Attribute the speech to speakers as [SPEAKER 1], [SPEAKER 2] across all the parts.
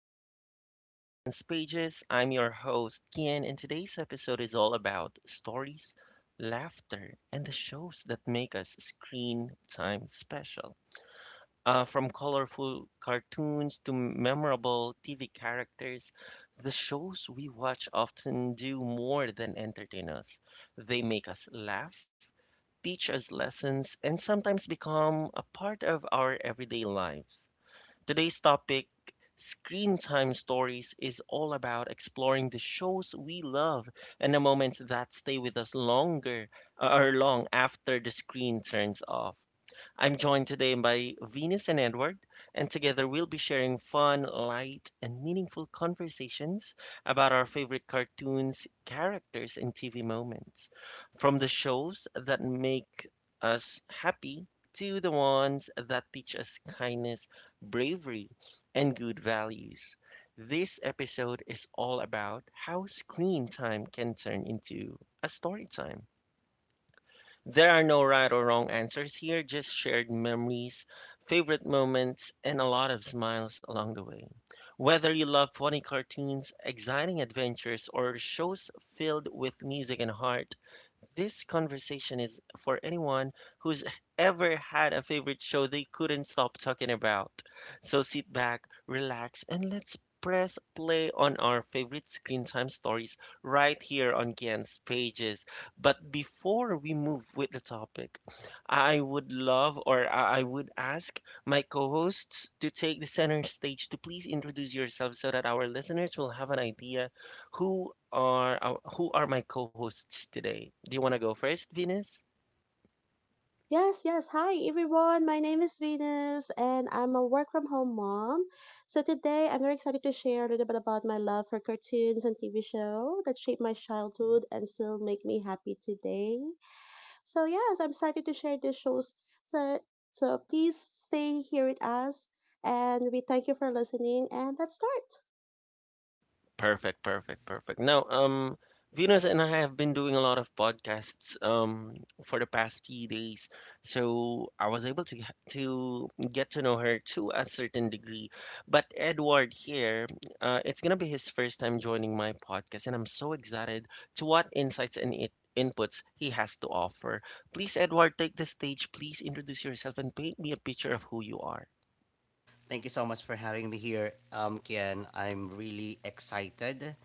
[SPEAKER 1] and welcome back to Kian's Pages. I'm your host, Kian, and today's episode is all about stories, laughter, and the shows that make us screen time special. From colorful cartoons to memorable TV characters, the shows we watch often do more than entertain us. They make us laugh, teach us lessons, and sometimes become a part of our everyday lives. Today's topic, Screen Time Stories, is all about exploring the shows we love and the moments that stay with us longer or long after the screen turns off. I'm joined today by Venus and Edward, and together we'll be sharing fun, light, and meaningful conversations about our favorite cartoons, characters, and TV moments. From the shows that make us happy to the ones that teach us kindness, bravery, and good values. This episode is all about how screen time can turn into a story time. There are no right or wrong answers here, just shared memories, favorite moments, and a lot of smiles along the way. Whether you love funny cartoons, exciting adventures, or shows filled with music and heart, this conversation is for anyone who's ever had a favorite show they couldn't stop talking about. So sit back, relax, and let's press play on our favorite screen time stories right here on Ken's pages. But before we move with the topic, I would love or I would ask my co hosts to take the center stage to please introduce yourselves so that our listeners will have an idea who are my co-hosts today? Do you want to go first, Venus?
[SPEAKER 2] Yes, yes. Hi, everyone. My name is Venus, and I'm a work from home mom. So, today I'm very excited to share a little bit about my love for cartoons and TV show that shaped my childhood and still make me happy today. So, yes, I'm excited to share these shows. So, so please stay here with us, and we thank you for listening. And let's start.
[SPEAKER 1] Perfect, perfect, perfect. Now, Venus and I have been doing a lot of podcasts for the past few days, so I was able to to get to know her to a certain degree. But Edward here, it's gonna be his first time joining my podcast, and I'm so excited to what insights and it inputs he has to offer. Please, Edward, take the stage. Please introduce yourself and paint me a picture of who you are.
[SPEAKER 3] Thank you so much for having me here, Kian. I'm really excited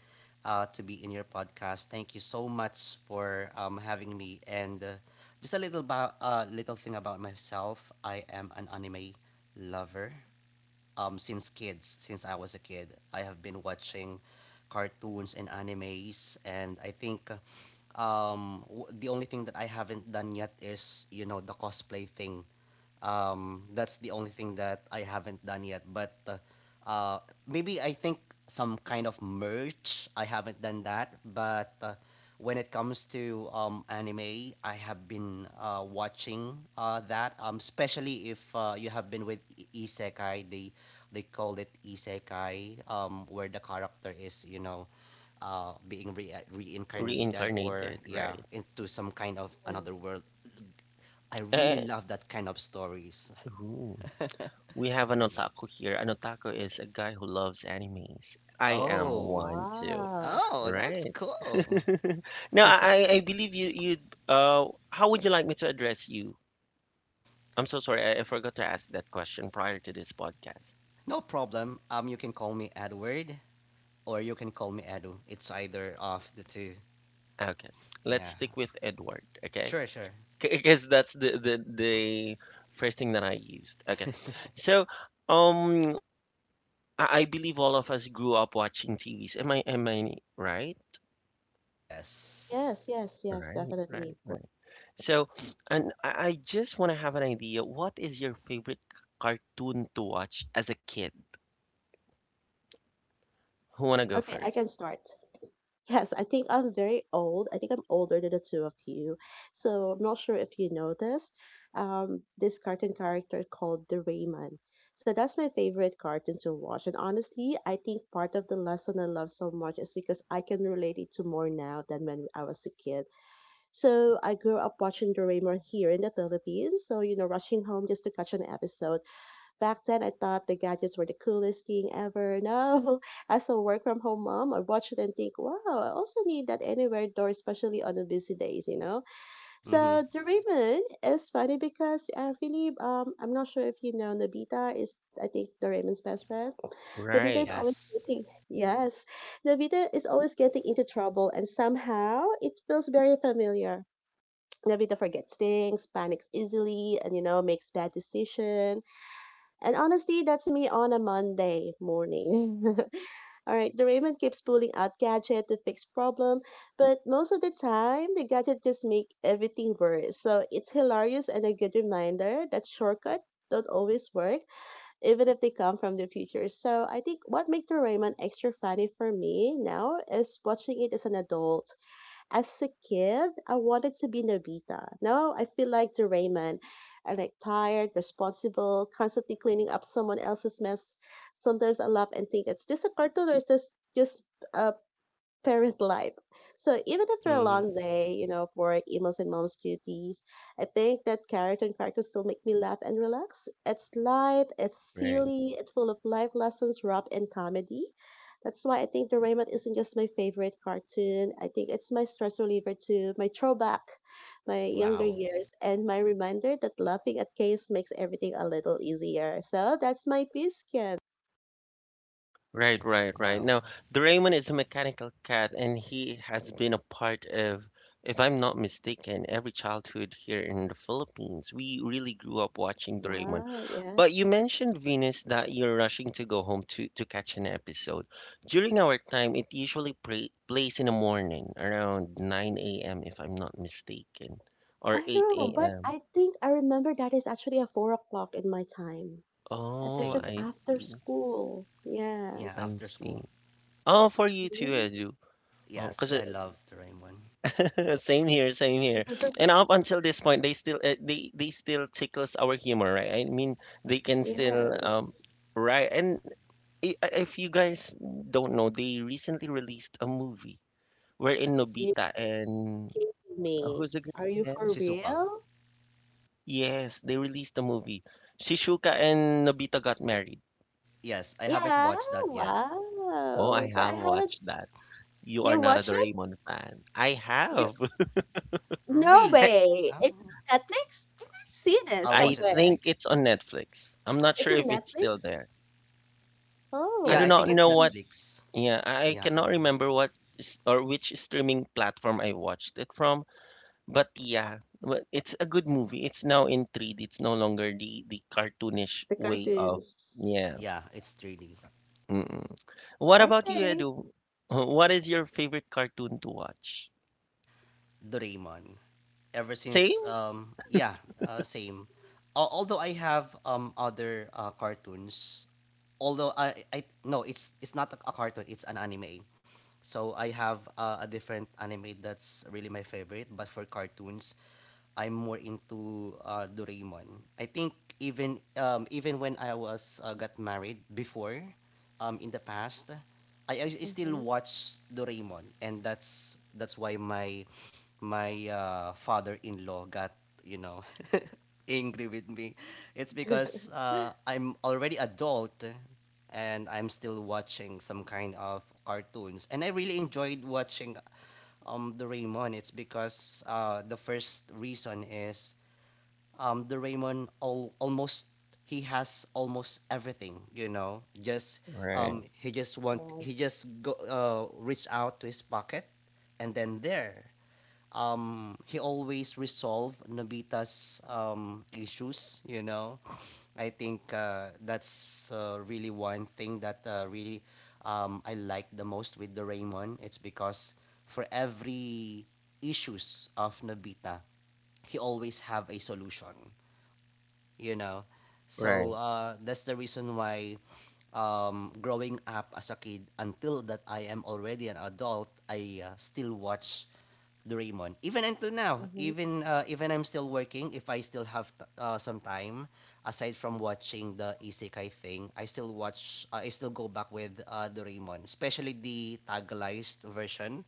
[SPEAKER 3] to be in your podcast. Thank you so much for having me. And just a little about little thing about myself. I am an anime lover. Since I was a kid, I have been watching cartoons and animes, and I think. The only thing that I haven't done yet is, the cosplay thing. That's the only thing that I haven't done yet. But uh, maybe I think some kind of merch. I haven't done that. But when it comes to anime, I have been watching that. Especially if you have been with isekai, they call it isekai, where the character is. Being reincarnated or
[SPEAKER 1] Reincarnated,
[SPEAKER 3] yeah
[SPEAKER 1] right?
[SPEAKER 3] into some kind of another
[SPEAKER 2] Yes.
[SPEAKER 3] world. I really love that kind of stories.
[SPEAKER 1] Eh, ooh. We have an otaku here. An otaku is a guy who loves animes. I am
[SPEAKER 2] Oh,
[SPEAKER 3] Oh,
[SPEAKER 1] one too,
[SPEAKER 2] wow.
[SPEAKER 3] oh, that's
[SPEAKER 1] right?
[SPEAKER 3] cool.
[SPEAKER 1] Now, I believe you, how would you like me to address you? I'm so sorry, I forgot to ask that question prior to this podcast.
[SPEAKER 3] No problem. You can call me Edward, or you can call me Edu. It's either of the two.
[SPEAKER 1] Okay, let's
[SPEAKER 3] Yeah.
[SPEAKER 1] stick with Edward, okay?
[SPEAKER 3] Sure, sure.
[SPEAKER 1] Because that's the first thing that I used. Okay, so, um, I believe all of us grew up watching TVs. Am I right?
[SPEAKER 3] Yes.
[SPEAKER 2] Yes, yes, yes,
[SPEAKER 1] Right? Right,
[SPEAKER 2] definitely.
[SPEAKER 1] right. So, and I just want to have an idea. What is your favorite cartoon to watch as a kid? Who want to go
[SPEAKER 2] Okay, I can
[SPEAKER 1] first?
[SPEAKER 2] start. Yes, I think I'm very old. I think I'm older than the two of you. So I'm not sure if you know this. This cartoon character called Doraemon. So that's my favorite cartoon to watch. And honestly, I think part of the lesson I love so much is because I can relate it to more now than when I was a kid. So I grew up watching Doraemon here in the Philippines. So, you know, rushing home just to catch an episode. Back then, I thought the gadgets were the coolest thing ever. Now, as a work from home mom, I watch it and think, wow, I also need that anywhere door, especially on the busy days, you know? So,
[SPEAKER 3] Mhm.
[SPEAKER 2] Doraemon is funny because I really, I'm not sure if you know, Nobita is, I think, Doraemon's best friend. Nobita is
[SPEAKER 1] Right,
[SPEAKER 2] always
[SPEAKER 3] Yes.
[SPEAKER 2] getting, yes, Nobita is always getting into trouble, and somehow it feels very familiar. Nobita forgets things, panics easily, and you know makes bad decisions. And honestly, that's me on a Monday morning. All right, the Raymond keeps pulling out gadget to fix problem, but most of the time, the gadget just make everything worse. So it's hilarious and a good reminder that shortcut don't always work, even if they come from the future. So I think what makes the Raymond extra funny for me now is watching it as an adult. As a kid, I wanted to be Nobita. Now I feel like the Rayman. I'm like tired, responsible, constantly cleaning up someone else's mess. Sometimes I laugh and think, is this a cartoon or is this just uh parent life. So even after a
[SPEAKER 3] Mhm.
[SPEAKER 2] long day, you know, for emails, and mom's duties, I think that character and characters still make me laugh and relax. It's light, it's
[SPEAKER 1] right,
[SPEAKER 2] silly, it's full of life lessons, rap, and comedy. That's why I think Doraemon isn't just my favorite cartoon. I think it's my stress reliever too, my throwback, my younger
[SPEAKER 3] Wow.
[SPEAKER 2] years, and my reminder that laughing at chaos makes everything a little easier. So that's my piece, Ken.
[SPEAKER 1] right, right, right.
[SPEAKER 3] Wow.
[SPEAKER 1] Now, Doraemon is a mechanical cat, and he has been a part of, if I'm not mistaken, every childhood here in the Philippines. We really grew up watching Doraemon.
[SPEAKER 2] Wow, yeah.
[SPEAKER 1] But you mentioned, Venus, that you're rushing to go home to catch an episode. During our time, it usually plays in the morning around 9 a.m., if I'm not mistaken, or
[SPEAKER 2] I know,
[SPEAKER 1] 8
[SPEAKER 2] but
[SPEAKER 1] a.m.
[SPEAKER 2] I think I remember that is actually at 4 o'clock in my time. I think
[SPEAKER 1] Oh,
[SPEAKER 2] that's
[SPEAKER 3] Same.
[SPEAKER 1] I
[SPEAKER 2] after
[SPEAKER 1] see.
[SPEAKER 2] school.
[SPEAKER 3] Yeah.
[SPEAKER 2] Yes.
[SPEAKER 1] I
[SPEAKER 3] After
[SPEAKER 1] see.
[SPEAKER 3] school.
[SPEAKER 1] Oh, for you too,
[SPEAKER 2] Mhm.
[SPEAKER 1] Edu. Oh,
[SPEAKER 3] Yes, I love the Doraemon.
[SPEAKER 1] same here, same here. And up until this point, they still they still tickles our humor, right? I mean, they can
[SPEAKER 3] Yes.
[SPEAKER 1] still
[SPEAKER 2] Yes.
[SPEAKER 1] right. And if you guys don't know, they recently released a movie wherein
[SPEAKER 2] You
[SPEAKER 1] Nobita and
[SPEAKER 2] kidding
[SPEAKER 1] who's
[SPEAKER 2] me?
[SPEAKER 1] the girl?
[SPEAKER 2] Are you
[SPEAKER 1] Yeah.
[SPEAKER 2] for
[SPEAKER 3] Shizuka.
[SPEAKER 2] real?
[SPEAKER 1] Yes, they released a movie. Shizuka and Nobita got married.
[SPEAKER 3] Yes, I haven't
[SPEAKER 2] Yeah,
[SPEAKER 3] watched that yet.
[SPEAKER 1] Oh, I
[SPEAKER 2] wow. But I
[SPEAKER 1] have
[SPEAKER 2] haven't.
[SPEAKER 1] watched that. You are
[SPEAKER 2] You
[SPEAKER 1] not a
[SPEAKER 2] watch it?
[SPEAKER 1] Doraemon fan. I
[SPEAKER 2] You
[SPEAKER 1] have.
[SPEAKER 2] no
[SPEAKER 3] Real.
[SPEAKER 1] I
[SPEAKER 2] way. It's
[SPEAKER 3] Oh,
[SPEAKER 2] on Netflix? Did I see this
[SPEAKER 3] I'll
[SPEAKER 1] I
[SPEAKER 3] watch it this
[SPEAKER 2] somewhere?
[SPEAKER 1] think
[SPEAKER 3] week.
[SPEAKER 1] it's on Netflix. I'm not
[SPEAKER 2] It's
[SPEAKER 1] sure
[SPEAKER 2] on
[SPEAKER 1] if it's still
[SPEAKER 2] Netflix?
[SPEAKER 1] there. I
[SPEAKER 3] Yeah,
[SPEAKER 1] do
[SPEAKER 3] I
[SPEAKER 2] Oh,
[SPEAKER 1] not
[SPEAKER 3] think it's
[SPEAKER 1] know
[SPEAKER 2] okay.
[SPEAKER 1] what.
[SPEAKER 3] Netflix.
[SPEAKER 1] Yeah, I
[SPEAKER 3] Yeah, I
[SPEAKER 1] cannot
[SPEAKER 3] think
[SPEAKER 1] remember what
[SPEAKER 3] Netflix.
[SPEAKER 1] or which streaming platform I watched it from. But yeah, well, it's a good movie. It's now in 3D. It's no longer the cartoonish
[SPEAKER 2] The
[SPEAKER 1] way of
[SPEAKER 2] cartoons.
[SPEAKER 1] yeah.
[SPEAKER 3] Yeah, it's 3D.
[SPEAKER 1] Mm-mm. What about you,
[SPEAKER 2] Okay.
[SPEAKER 1] Edu? What is your favorite cartoon to watch?
[SPEAKER 3] Doraemon ever
[SPEAKER 1] Same?
[SPEAKER 3] since, yeah, same. Al although I have other cartoons. Although I no, it's not a cartoon, it's an anime. So I have a different anime that's really my favorite, but for cartoons I'm more into Doraemon, I think. Even when I was, got married before, in the past, I still
[SPEAKER 2] Hmm.
[SPEAKER 3] watch Doraemon, and that's why my father-in-law got, you know angry with me. It's because I'm already adult and I'm still watching some kind of cartoons, and I really enjoyed watching Doraemon. It's because the first reason is, the Raymond almost he has almost everything. Just
[SPEAKER 1] Right,
[SPEAKER 3] he just want, he
[SPEAKER 2] Yes.
[SPEAKER 3] just go reach out to his pocket, and then there, he always resolve Nobita's issues. I think that's really one thing that really, I like the most with the Raymond. It's because for every issues of Nobita, he always have a solution you know. So
[SPEAKER 1] right.
[SPEAKER 3] that's the reason why, growing up as a kid until that I am already an adult, I still watch Doraemon. Even until now,
[SPEAKER 2] Mm-hmm.
[SPEAKER 3] even I'm still working, if I still have some time aside from watching the isekai thing, I still go back with Doraemon, especially the tagalized version.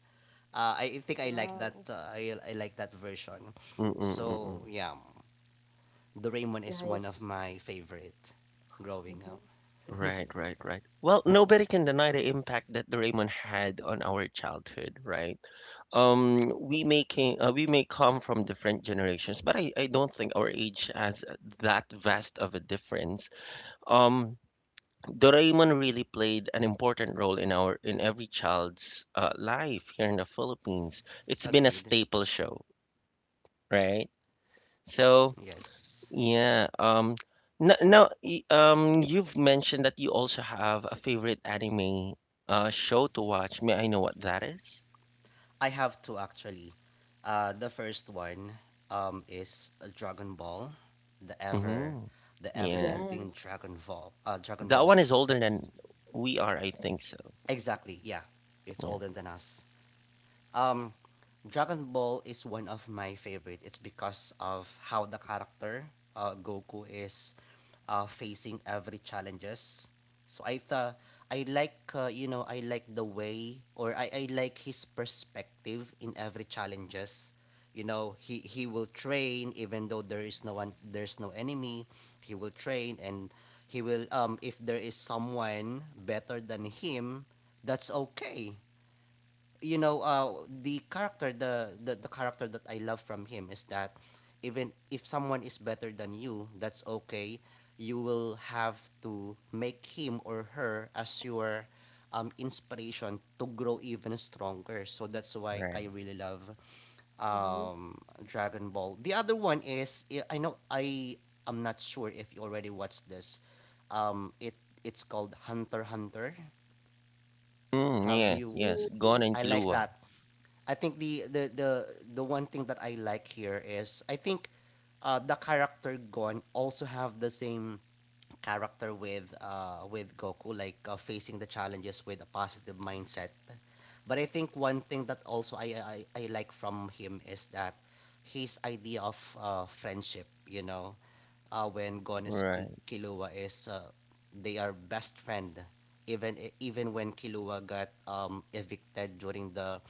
[SPEAKER 3] I think I like that
[SPEAKER 2] Wow.
[SPEAKER 3] uh, I, I like that version.
[SPEAKER 1] Mm-mm-mm-mm.
[SPEAKER 3] So, yeah. Doraemon is one of
[SPEAKER 2] Nice.
[SPEAKER 3] my favorite growing
[SPEAKER 2] Mm-hmm.
[SPEAKER 3] up.
[SPEAKER 1] Right, right, right. Well, nobody can deny the impact that Doraemon had on our childhood, right? We may come from different generations, but I don't think our age has that vast of a difference. Um, Doraemon really played an important role in our in every child's life here in the Philippines. It's been a
[SPEAKER 3] Agreed.
[SPEAKER 1] staple show, right? So
[SPEAKER 3] Yes.
[SPEAKER 1] yeah, no, no, y- you've mentioned that you also have a favorite anime show to watch. May I know what that is?
[SPEAKER 3] I have two actually. The first one, is Dragon Ball, the ever
[SPEAKER 1] Mm-hmm.
[SPEAKER 3] the ever
[SPEAKER 1] Yeah,
[SPEAKER 3] ending
[SPEAKER 2] Yes.
[SPEAKER 3] Dragon Ball. Dragon
[SPEAKER 1] that
[SPEAKER 3] Ball.
[SPEAKER 1] one is older than we are, I think so.
[SPEAKER 3] Exactly. Yeah. It's
[SPEAKER 1] Yeah,
[SPEAKER 3] older than us. Um, Dragon Ball is one of my favorite. It's because of how the character, Goku, is facing every challenges. So I thought I like the way, or I like his perspective in every challenges. You know he will train even though there's no enemy. He will train, and he will, if there is someone better than him, that's okay you know, the character that I love from him is that even if someone is better than you, that's okay. You will have to make him or her as your, inspiration to grow even stronger. So that's why
[SPEAKER 1] right.
[SPEAKER 3] I really love,
[SPEAKER 2] Mm-hmm.
[SPEAKER 3] um, Dragon Ball. The other one is, I am not sure if you already watched this. Um, it it's called Hunter x Hunter.
[SPEAKER 1] Mm,
[SPEAKER 3] Have
[SPEAKER 1] yes,
[SPEAKER 3] you?
[SPEAKER 1] yes, Gon
[SPEAKER 2] Mm.
[SPEAKER 1] and
[SPEAKER 3] I like
[SPEAKER 1] Killua.
[SPEAKER 3] that. I think the one thing that I like here is I think the character Gon also have the same character with Goku, like facing the challenges with a positive mindset. But I think one thing that also I like from him is that his idea of friendship, when Gones,
[SPEAKER 1] Right,
[SPEAKER 3] Kilua, is, they are best friend. Even when Kilua got, evicted during the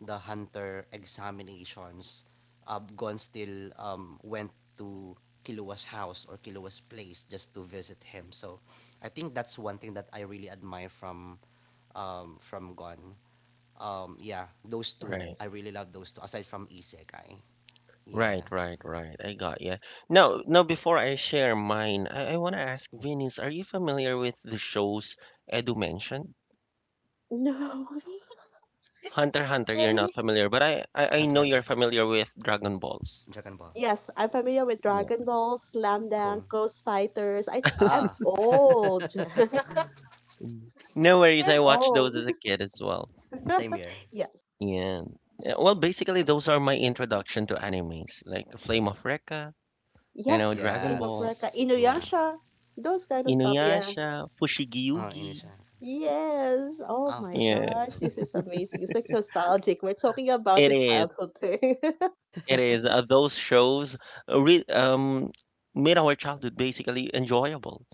[SPEAKER 3] the hunter examinations, Gon still, went to Kilua's house, or Kilua's place, just to visit him. So I think that's one thing that I really admire from, Gon. Yeah, those two,
[SPEAKER 1] right.
[SPEAKER 3] I
[SPEAKER 2] Nice.
[SPEAKER 3] really love those two, aside from Isekai.
[SPEAKER 1] Right,
[SPEAKER 3] Yes.
[SPEAKER 1] right, right. I got you. Now, now before I share mine, I want to ask Vinny's, are you familiar with the shows Edu mentioned?
[SPEAKER 2] No.
[SPEAKER 1] Hunter x Hunter, you're
[SPEAKER 2] Sorry.
[SPEAKER 1] not familiar, but I
[SPEAKER 3] Hunter
[SPEAKER 1] know
[SPEAKER 3] x
[SPEAKER 1] you're
[SPEAKER 3] Hunter.
[SPEAKER 1] familiar with Dragon Balls.
[SPEAKER 3] Dragon Ball.
[SPEAKER 2] Yes, I'm familiar with
[SPEAKER 1] Yeah.
[SPEAKER 2] Dragon Ball, Slam
[SPEAKER 3] Cool.
[SPEAKER 2] Dunk, Ghost Fighters. I think I'm
[SPEAKER 3] Ah.
[SPEAKER 2] old.
[SPEAKER 1] Mm. No worries, I
[SPEAKER 2] Very
[SPEAKER 1] watched those
[SPEAKER 2] old.
[SPEAKER 1] as a kid as well.
[SPEAKER 3] Same here.
[SPEAKER 2] Yes.
[SPEAKER 1] And yeah, eh, well, basically those are my introduction to animes, like Flame of Recca, you know,
[SPEAKER 2] Yes,
[SPEAKER 1] Dragon
[SPEAKER 2] Flame of
[SPEAKER 1] Ball,
[SPEAKER 2] Recca,
[SPEAKER 3] Yes. Yeah.
[SPEAKER 2] Inuyasha, those kind of stuff. Yeah.
[SPEAKER 1] Inuyasha, Fushigi
[SPEAKER 3] Oh,
[SPEAKER 1] Yugi.
[SPEAKER 3] ini siya.
[SPEAKER 2] Yes. Oh
[SPEAKER 3] Ah,
[SPEAKER 2] my
[SPEAKER 1] Yeah,
[SPEAKER 3] Fushigi
[SPEAKER 2] gosh, this
[SPEAKER 3] Yogi.
[SPEAKER 2] is amazing. It's like nostalgic. We're talking about
[SPEAKER 1] it
[SPEAKER 2] the
[SPEAKER 1] is.
[SPEAKER 2] childhood thing.
[SPEAKER 1] Those shows re made our childhood basically enjoyable.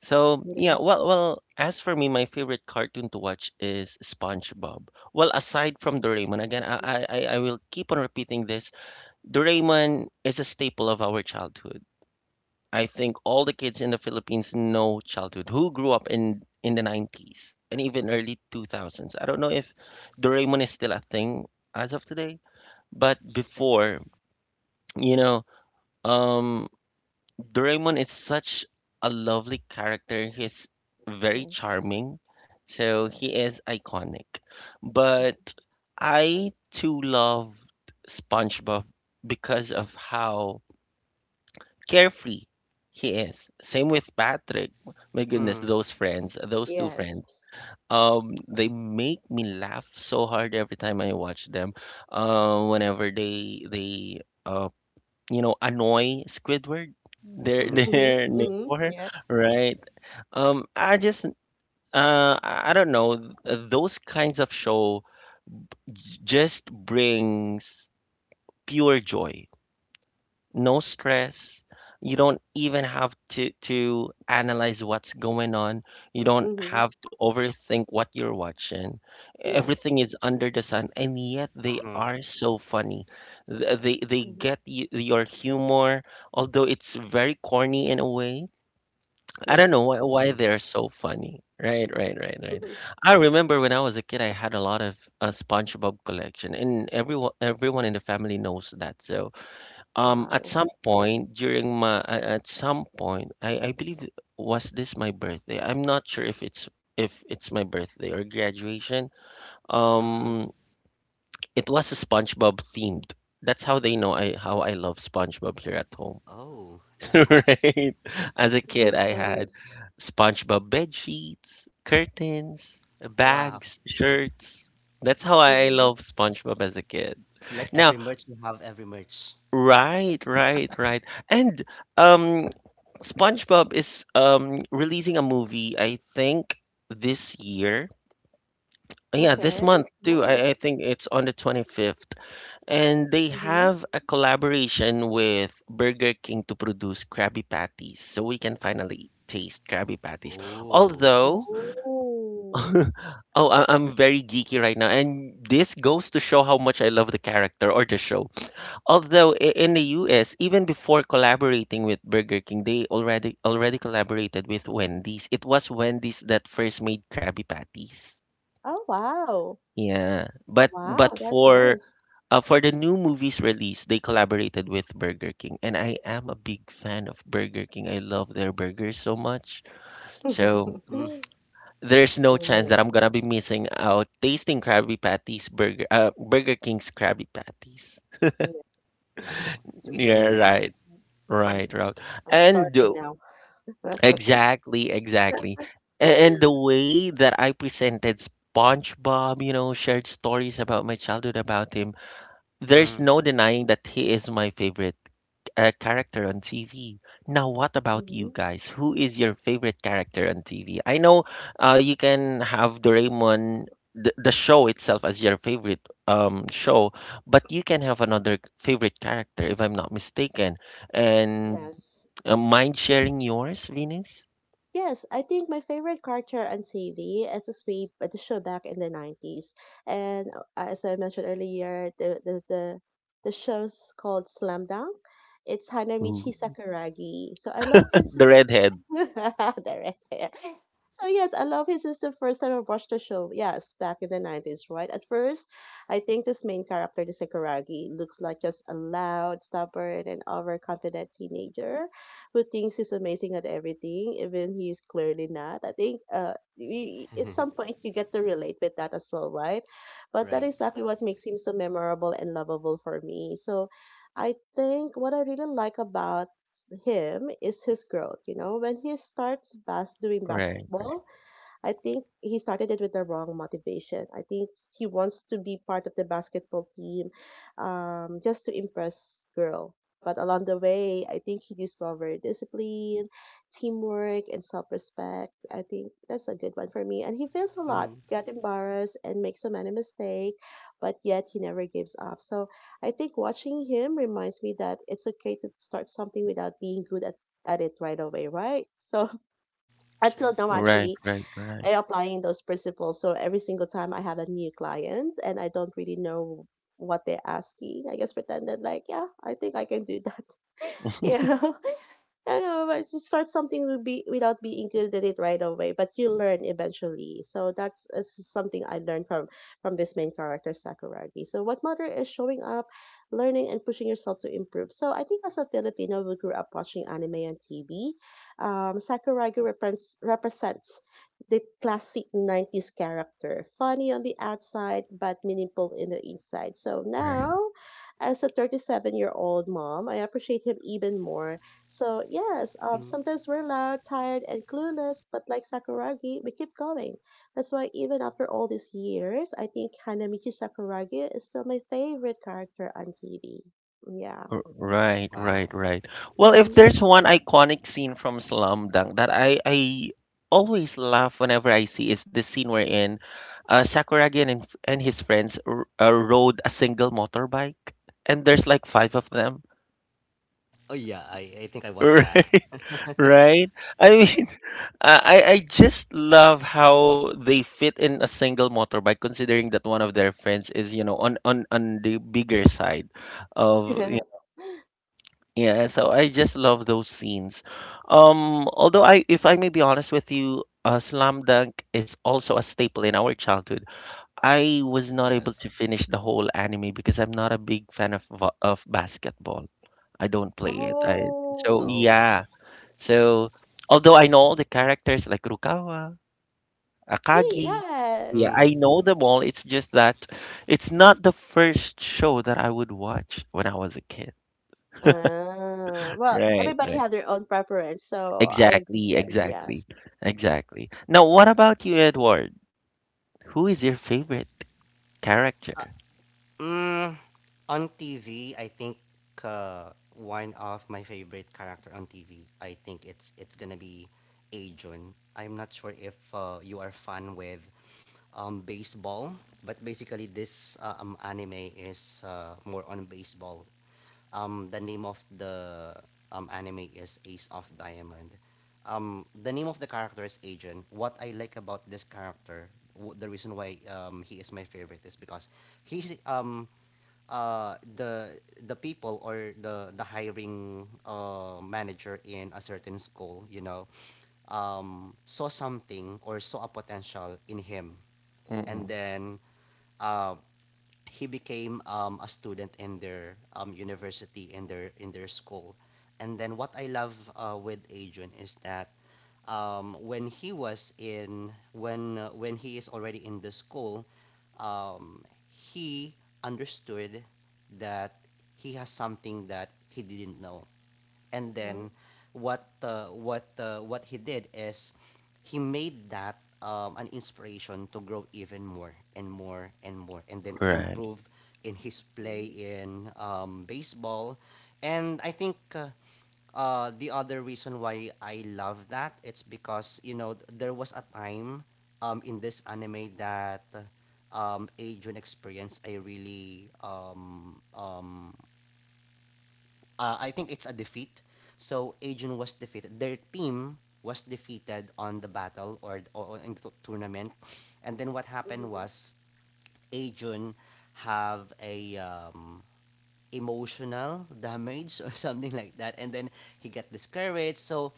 [SPEAKER 1] So
[SPEAKER 2] It
[SPEAKER 1] yeah,
[SPEAKER 2] is.
[SPEAKER 1] well, well, as for me, my favorite cartoon to watch is SpongeBob. Well, aside from Doraemon, again, I
[SPEAKER 2] Mm-hmm.
[SPEAKER 1] I, I I will keep on repeating this. Doraemon is a staple of our childhood. I think all the kids in the Philippines know childhood who grew up in the 90s and even early 2000s. I don't know if Doraemon is still a thing as of today, but
[SPEAKER 3] Ay.
[SPEAKER 1] before, you know. Um, Doraemon is such a lovely character. He's very
[SPEAKER 2] Yes.
[SPEAKER 1] charming, so he is iconic. But I too love SpongeBob because of how carefree he is. Same with Patrick. My goodness,
[SPEAKER 3] Mm,
[SPEAKER 1] those friends, those two
[SPEAKER 2] Yes.
[SPEAKER 1] friends. They make me laugh so hard every time I watch them. Whenever they you know, annoy Squidward, their
[SPEAKER 3] mm,
[SPEAKER 2] Mhm.
[SPEAKER 1] their
[SPEAKER 2] Mhm.
[SPEAKER 1] neighbor,
[SPEAKER 2] Yeah.
[SPEAKER 1] right? I just I don't know. Those kinds of show just brings pure joy no stress. You don't even have to analyze what's going on. You don't
[SPEAKER 2] Mhm.
[SPEAKER 1] have to overthink what you're watching.
[SPEAKER 2] Yes.
[SPEAKER 1] Everything is under the sun, and yet they
[SPEAKER 3] mm,
[SPEAKER 1] are so funny. They
[SPEAKER 2] Mhm.
[SPEAKER 1] get y your humor, although it's very corny in a way. I don't
[SPEAKER 2] Yes.
[SPEAKER 1] know why
[SPEAKER 3] mm,
[SPEAKER 1] they're so funny. Right, right, right, right.
[SPEAKER 2] Mhm.
[SPEAKER 1] I remember when I was a kid, I had a lot of SpongeBob collection, and everyone in the family knows that. So
[SPEAKER 2] Wow.
[SPEAKER 1] at some point, I believe was this my birthday? I'm not sure if it's my birthday or graduation.
[SPEAKER 3] mm.
[SPEAKER 1] Um, it was a SpongeBob themed. That's how they know I how I love SpongeBob here at home.
[SPEAKER 3] Oh, nice.
[SPEAKER 1] Right? As a kid,
[SPEAKER 2] Nice.
[SPEAKER 1] I had
[SPEAKER 2] Nice.
[SPEAKER 1] SpongeBob bed sheets, curtains,
[SPEAKER 3] Wow.
[SPEAKER 1] bags, shirts. That's how I
[SPEAKER 2] Mhm.
[SPEAKER 1] love SpongeBob as a kid.
[SPEAKER 3] So like, every
[SPEAKER 1] Now,
[SPEAKER 3] merch, you have every merch.
[SPEAKER 1] right, right, right. And um SpongeBob is releasing a movie, I think, this year. Yeah, this
[SPEAKER 2] Okay.
[SPEAKER 1] month too.
[SPEAKER 2] Nice.
[SPEAKER 1] I think it's on the 25th. And they
[SPEAKER 2] Mhm.
[SPEAKER 1] have a collaboration with Burger King to produce Krabby Patties. So we can finally taste Krabby Patties.
[SPEAKER 3] Oh.
[SPEAKER 1] Although, oh,
[SPEAKER 2] Oh.
[SPEAKER 1] I'm very geeky right now. And this goes to show how much I love the character or the show. Although in the US, even before collaborating with Burger King, they already collaborated with Wendy's. It was Wendy's that first made Krabby Patties.
[SPEAKER 2] Oh. Wow.
[SPEAKER 1] Yeah, but
[SPEAKER 2] Wow.
[SPEAKER 1] but
[SPEAKER 2] That's
[SPEAKER 1] for
[SPEAKER 2] nice.
[SPEAKER 1] uh, for the new movie's release, they collaborated with Burger King, and I am a big fan of Burger King. I love their burgers so much. So
[SPEAKER 3] Mm,
[SPEAKER 1] there's no chance
[SPEAKER 2] Mm,
[SPEAKER 1] that I'm gonna be missing out tasting Krabby Patties burger Burger King's Krabby Patties.
[SPEAKER 2] yeah.
[SPEAKER 3] wow. So it's a new
[SPEAKER 1] Yeah,
[SPEAKER 3] movie.
[SPEAKER 1] right,
[SPEAKER 2] Oh,
[SPEAKER 1] right, right.
[SPEAKER 2] I'm
[SPEAKER 1] And
[SPEAKER 2] starving now.
[SPEAKER 1] exactly, exactly. And the way that I presented SpongeBob, you know, shared stories about my childhood about him, there's
[SPEAKER 3] Mm,
[SPEAKER 1] no denying that he is my favorite character on TV. Now, what about you
[SPEAKER 2] Mhm.
[SPEAKER 1] guys? Who is your favorite character on TV? I know you can have Doraemon, the show itself, as your favorite show, but you can have another favorite character, if I'm not mistaken. And
[SPEAKER 2] Yes.
[SPEAKER 1] mind sharing yours, Venus?
[SPEAKER 2] Yes, I think my favorite character on TV is the Sweep, the show back in the 90s. And as I mentioned earlier, the show's called Slam Dunk. It's Hanamichi Sakuragi. So I love his
[SPEAKER 1] The redhead.
[SPEAKER 2] there, right there. So yes, I love his since the first time I watched the show. Yes, back in the 90s, right? At first, I think this main character, the Sakuragi, looks like just a loud, stubborn, and overconfident teenager who thinks he's amazing at everything, even he's clearly not. I think we, at some point you get to relate with that as well, right? But that
[SPEAKER 3] right.
[SPEAKER 2] is exactly what makes him so memorable and lovable for me. So I think what I really like about him is his growth. You know, when he starts doing
[SPEAKER 1] Right.
[SPEAKER 2] basketball, I think he started it with the wrong motivation. I think he wants to be part of the basketball team just to impress girl. But along the way, I think he discovered discipline, teamwork, and self-respect. I think that's a good one for me. And he fails a lot,
[SPEAKER 3] Mm,
[SPEAKER 2] got embarrassed, and makes so many mistakes, but yet he never gives up. So I think watching him reminds me that it's okay to start something without being good at it right away, right? So
[SPEAKER 3] sure.
[SPEAKER 2] until now,
[SPEAKER 1] Right,
[SPEAKER 2] actually,
[SPEAKER 1] right, right.
[SPEAKER 2] applying those principles. So every single time I have a new client and I don't really know what they're asking, I just pretended like, yeah, I think I can do that. Yeah, you know, but to start something will be without being good at it right away, but you learn eventually. So that's something I learned from this main character Sakuragi. So what matter is showing up, learning, and pushing yourself to improve. So I think as a Filipino, we grew up watching anime on TV. Sakuragi represents the classic 90s character, funny on the outside but meaningful in the inside. So
[SPEAKER 1] Right,
[SPEAKER 2] now as a 37-year-old mom, I appreciate him even more. So yes,
[SPEAKER 3] Mm.
[SPEAKER 2] sometimes we're loud, tired, and clueless, but like Sakuragi, we keep going. That's why even after all these years, I think Hanamichi Sakuragi is still my favorite character on TV. Yeah.
[SPEAKER 1] right, right,
[SPEAKER 3] Wow.
[SPEAKER 1] right. Well, if
[SPEAKER 2] Hmm.
[SPEAKER 1] there's one iconic scene from Slum Dunk that I always laugh whenever I see is the scene wherein Sakuragi and and his friends rode a single motorbike, and there's like five of them.
[SPEAKER 3] Oh yeah, I think I watched that.
[SPEAKER 1] Right, right. I mean, I just love how they fit in a single motorbike, considering that one of their friends is on on the bigger side of yeah. So I just love those scenes. Although if I may be honest with you, Slam Dunk is also a staple in our childhood. I was not able to
[SPEAKER 3] Yes.
[SPEAKER 1] finish the whole anime because I'm not a big fan of of basketball. I don't play it. I so
[SPEAKER 2] Oh,
[SPEAKER 3] Oh.
[SPEAKER 1] yeah. So although I know all the characters like Rukawa.
[SPEAKER 2] see,
[SPEAKER 1] Akagi. Yeah,
[SPEAKER 2] yes.
[SPEAKER 1] I
[SPEAKER 3] Mm.
[SPEAKER 1] know them all. It's just that it's not the first show that I would watch when I was a kid.
[SPEAKER 2] Well,
[SPEAKER 1] Right,
[SPEAKER 2] everybody
[SPEAKER 1] right.
[SPEAKER 2] have their own preference, so I agree
[SPEAKER 1] Exactly,
[SPEAKER 2] again.
[SPEAKER 1] exactly,
[SPEAKER 2] Yes.
[SPEAKER 1] exactly. Now, what about you, Edward? Who is your favorite character?
[SPEAKER 3] Mm, on TV, I think, uh, one of my favorite character on TV, I think it's gonna be Ajun. I'm not sure if, you are fun with, baseball, but basically this, anime is, more on baseball. The name of the, anime is Ace of Diamond. The name of the character is Agent. What I like about this character, the reason why, he is my favorite, is because he's, the people, or the hiring, manager in a certain school, saw something, or saw a potential in him, and
[SPEAKER 1] Mm-mm.
[SPEAKER 3] then, uh, he became, a student in their, university, in their school. And then, what I love, with adrian, is that, when he was in when he is already in the school, um, he understood that he has something that he didn't know, and
[SPEAKER 2] Mhm,
[SPEAKER 3] then what he did is he made that, an inspiration to grow even more and more and more, and then to
[SPEAKER 1] Right.
[SPEAKER 3] improve in his play
[SPEAKER 2] mhm,
[SPEAKER 3] in, baseball. And I think, the other reason why I love that, it's because, you know, there was a time, in this anime, that, Adrian experience, I really, I think it's a defeat. So Ajun was defeated. Their team was defeated on the battle, or in the tournament. And then what happened
[SPEAKER 2] mhm,
[SPEAKER 3] was, Ajun have a, emotional damage, or something like that, and then he got discouraged. So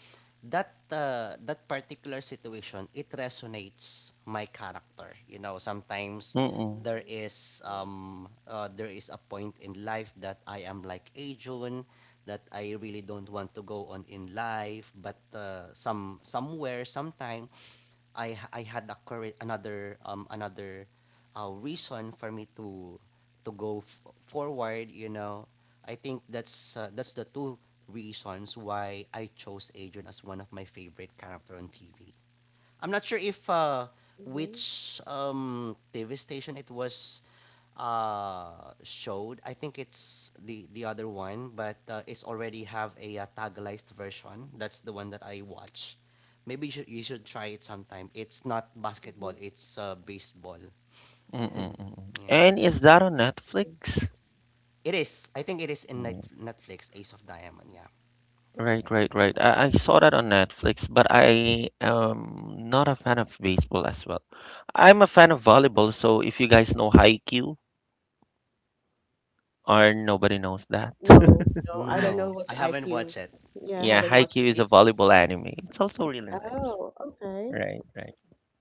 [SPEAKER 3] that, that particular situation, it resonates my character. Sometimes
[SPEAKER 1] Mm-mm.
[SPEAKER 3] there is
[SPEAKER 2] mhm,
[SPEAKER 3] um uh, there is a point in life that I am like Ajun, that I really don't want to go on in life. But, somewhere, sometime, I had a current, another reason for me, to go forward. You know, I think that's, that's the two reasons why I chose Adrian as one of my favorite character on TV. I'm not sure if,
[SPEAKER 2] mhm,
[SPEAKER 3] which, TV station it was, showed. I think it's the other one, but, it's already have a, tagalized version. That's the one that I watch. Maybe you should try it sometime. It's not basketball.
[SPEAKER 2] mhm,
[SPEAKER 3] It's, baseball.
[SPEAKER 1] Mm-mm, mm-mm.
[SPEAKER 3] Yeah,
[SPEAKER 1] And is that on
[SPEAKER 2] mhm.
[SPEAKER 1] Netflix?
[SPEAKER 3] it is. I think it is in Net-
[SPEAKER 1] Mm.
[SPEAKER 3] Netflix. Ace of Diamond. Yeah.
[SPEAKER 1] Right, right, right. I saw that on Netflix, but I am not a fan of baseball as well. I'm a fan of volleyball, so if you guys know Haikyuu, or nobody knows that.
[SPEAKER 2] No, no, I don't
[SPEAKER 3] No,
[SPEAKER 2] know
[SPEAKER 3] I
[SPEAKER 2] what's
[SPEAKER 3] haven't watched
[SPEAKER 2] IQ.
[SPEAKER 3] it.
[SPEAKER 2] Yeah, I
[SPEAKER 1] Yeah,
[SPEAKER 2] haven't watched
[SPEAKER 1] Haikyuu
[SPEAKER 2] it.
[SPEAKER 1] is
[SPEAKER 3] It
[SPEAKER 1] a volleyball anime. It's also really nice.
[SPEAKER 2] Oh, okay.
[SPEAKER 1] Right,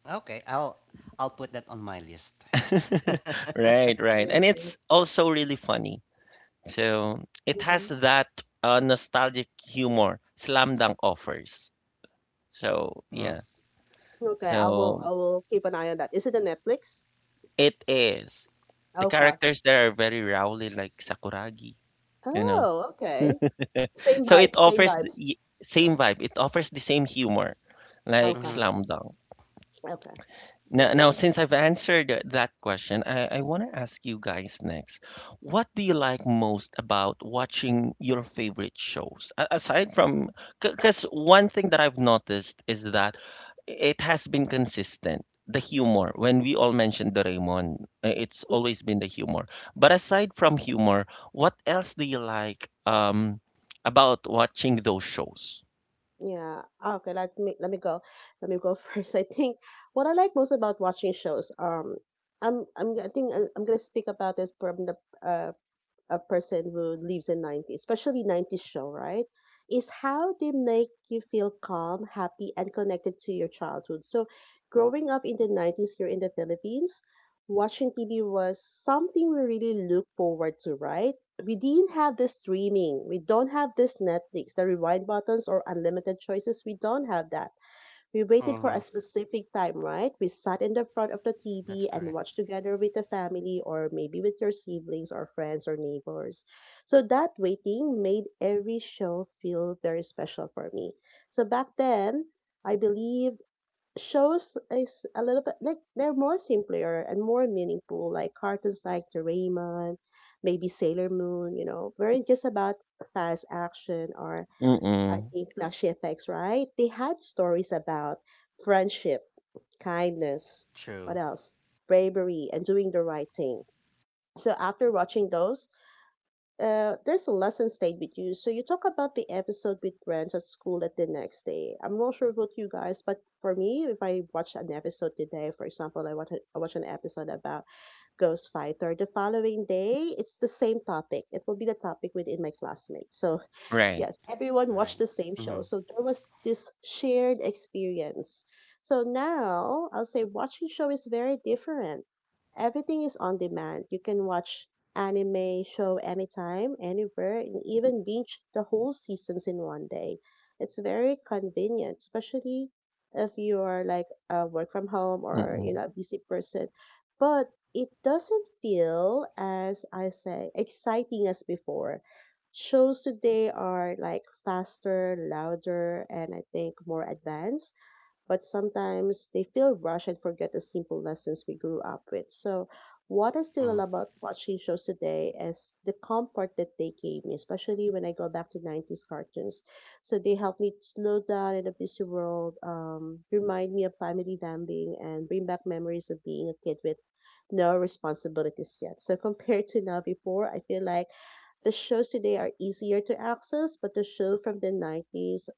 [SPEAKER 3] okay, I'll put that on my list.
[SPEAKER 1] right. Right, right. And
[SPEAKER 2] Yes,
[SPEAKER 1] it's
[SPEAKER 2] yes.
[SPEAKER 1] also really funny. So it has
[SPEAKER 2] Mm-hmm.
[SPEAKER 1] that nostalgic humor Slam Dunk offers. So
[SPEAKER 3] Mhm.
[SPEAKER 1] yeah.
[SPEAKER 2] Okay, I will
[SPEAKER 1] So
[SPEAKER 2] keep an eye on that. Is it on Netflix?
[SPEAKER 1] it is. The
[SPEAKER 2] Okay.
[SPEAKER 1] characters there are very rowdy like Sakuragi, you know.
[SPEAKER 2] Oh, okay. Same
[SPEAKER 1] So it
[SPEAKER 2] vibes, same
[SPEAKER 1] offers the
[SPEAKER 2] vibes.
[SPEAKER 1] same vibe. It offers the same humor like
[SPEAKER 2] Okay.
[SPEAKER 3] Mhm.
[SPEAKER 1] Slam Dunk.
[SPEAKER 2] Okay. We'll
[SPEAKER 1] Now,
[SPEAKER 2] do
[SPEAKER 1] now,
[SPEAKER 2] it.
[SPEAKER 1] since I've answered that question, I want to ask you guys next. What do you like most about watching your favorite shows? Aside from, because one thing that I've noticed is that it has been consistent. The humor, when we all mentioned the Doraemon, it's always been the humor. But aside from humor, what else do you like about watching those shows?
[SPEAKER 2] Yeah. Okay, Let me go first. I think what I like most about watching shows, I'm I think I I'm gonna speak about this from the uh a person who lives in 90s, especially 90s show, right? Is how they make you feel calm, happy, and connected to your childhood. So, growing up in the 90s here in the Philippines, watching TV was something we really look forward to, right? We didn't have this streaming. We don't have this Netflix, the rewind buttons or unlimited choices. We don't have that. We waited for a
[SPEAKER 3] Mhm.
[SPEAKER 2] specific time, right? We sat in the front of the TV
[SPEAKER 3] That's
[SPEAKER 2] and
[SPEAKER 3] correct.
[SPEAKER 2] watched together with the family or maybe with your siblings or friends or neighbors. So that waiting made every show feel very special for me. So back then, I believe shows is a little bit like they're more simpler and more meaningful, like cartoons like Doraemon, maybe Sailor Moon, you know, weren't just about fast action or I
[SPEAKER 1] Mm-mm.
[SPEAKER 2] think Flashy effects, right? They had stories about friendship, kindness, what
[SPEAKER 3] True.
[SPEAKER 2] else? Bravery and doing the right thing. So after watching those, there's a lesson stayed with you. So you talk about the episode with friends at school at the next day. I'm not sure about you guys, but for me, if I watch an episode today, for example, I watch an episode about Ghost Fighter, the following day, it's the same topic. It will be the topic within my classmates. So
[SPEAKER 1] Right.
[SPEAKER 2] yes, everyone watched
[SPEAKER 3] Right.
[SPEAKER 2] the same show.
[SPEAKER 3] Mm-hmm.
[SPEAKER 2] So there was this shared experience. So now I'll say watching show is very different. Everything is on demand. You can watch anime show anytime, anywhere, and even binge the whole seasons in one day. It's very convenient, especially if you are like a work from home or you
[SPEAKER 1] Mm-mm.
[SPEAKER 2] know a busy person. But it doesn't feel as I say exciting as before shows today are like faster, louder, and I think more advanced, but sometimes they feel rushed and forget the simple lessons we grew up with. So, what I still
[SPEAKER 3] Mm.
[SPEAKER 2] love about watching shows today is the comfort that they gave me, especially when I go back to 90s cartoons. So, they help me slow down in a busy world, remind me of family bonding, and bring back memories of being a kid with no responsibilities yet. So, compared to now before, I feel like the shows today are easier to access, but the show from the 90s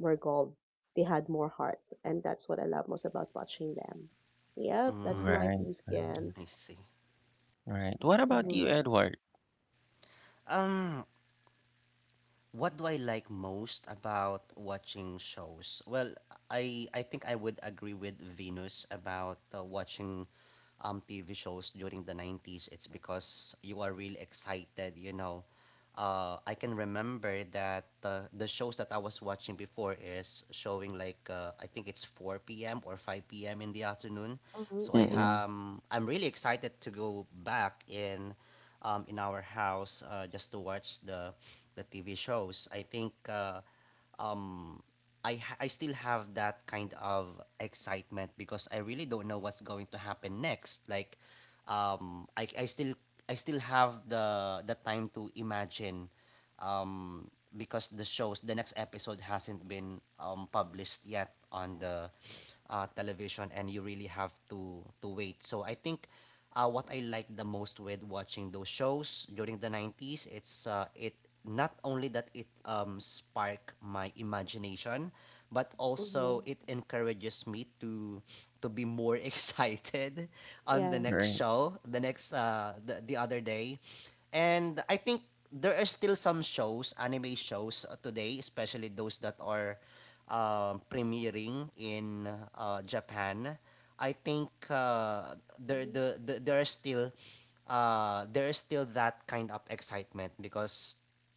[SPEAKER 2] were gold. They had more heart, and that's what I love most about watching them. Yep, that's
[SPEAKER 3] Mm.
[SPEAKER 2] my
[SPEAKER 1] Right.
[SPEAKER 2] piece again.
[SPEAKER 3] I see.
[SPEAKER 1] Right. What about you,
[SPEAKER 2] Mm-hmm.
[SPEAKER 1] Edward?
[SPEAKER 3] Um, what do I like most about watching shows? Well, I think I would agree with Venus about, watching, TV shows during the 90s. It's because you are really excited. I can remember that, the shows that I was watching before is showing like, I think it's 4 p.m. or 5 p.m. in the afternoon.
[SPEAKER 2] Mm-hmm.
[SPEAKER 3] So I
[SPEAKER 2] Mm-hmm.
[SPEAKER 1] Mm,
[SPEAKER 3] um, I'm really excited to go back in, in our house, just to watch the TV shows. I think, um, I still have that kind of excitement, because I really don't know what's going to happen next. Like, um, I I still I still have the time to imagine, um, because the next episode hasn't been published yet on the, television, and you really have to wait. So I think what I like the most with watching those shows during the 90s, it not only that it sparked my imagination, but also
[SPEAKER 2] Mm-hmm.
[SPEAKER 3] it encourages me to be more excited on the next
[SPEAKER 2] Yes.
[SPEAKER 1] right.
[SPEAKER 3] show, the other day. And I think there are still some shows, anime shows today, especially those that are premiering in Japan. I think
[SPEAKER 2] Mm-hmm.
[SPEAKER 3] there are still there is still that kind of excitement because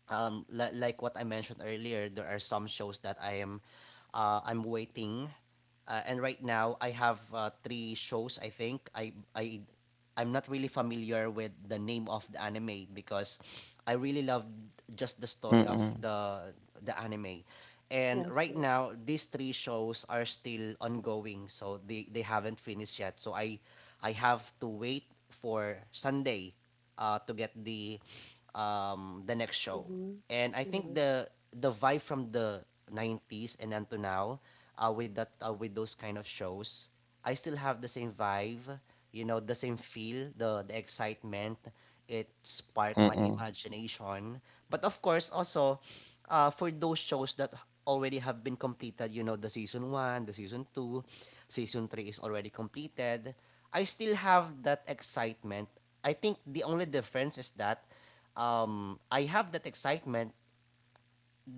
[SPEAKER 3] like what I mentioned earlier, there are some shows that I'm waiting, and right now I have three shows. I think I'm not really familiar with the name of the anime because I really loved just the story of
[SPEAKER 1] Mm,
[SPEAKER 3] the anime. And
[SPEAKER 2] Yes.
[SPEAKER 3] right
[SPEAKER 2] Yes.
[SPEAKER 3] now, these three shows are still ongoing, so they haven't finished yet. So I have to wait for Sunday to get the next show.
[SPEAKER 2] Mm-hmm.
[SPEAKER 3] And I think
[SPEAKER 2] Yes.
[SPEAKER 3] the vibe from the 90s and until now, with those kind of shows, I still have the same vibe, you know, the same feel, the excitement. It
[SPEAKER 1] mm.
[SPEAKER 3] sparked my imagination. But of course, also for those shows that already have been completed, you know, the season one, the season two, season three is already completed. I still have that excitement. I think the only difference is that I have that excitement.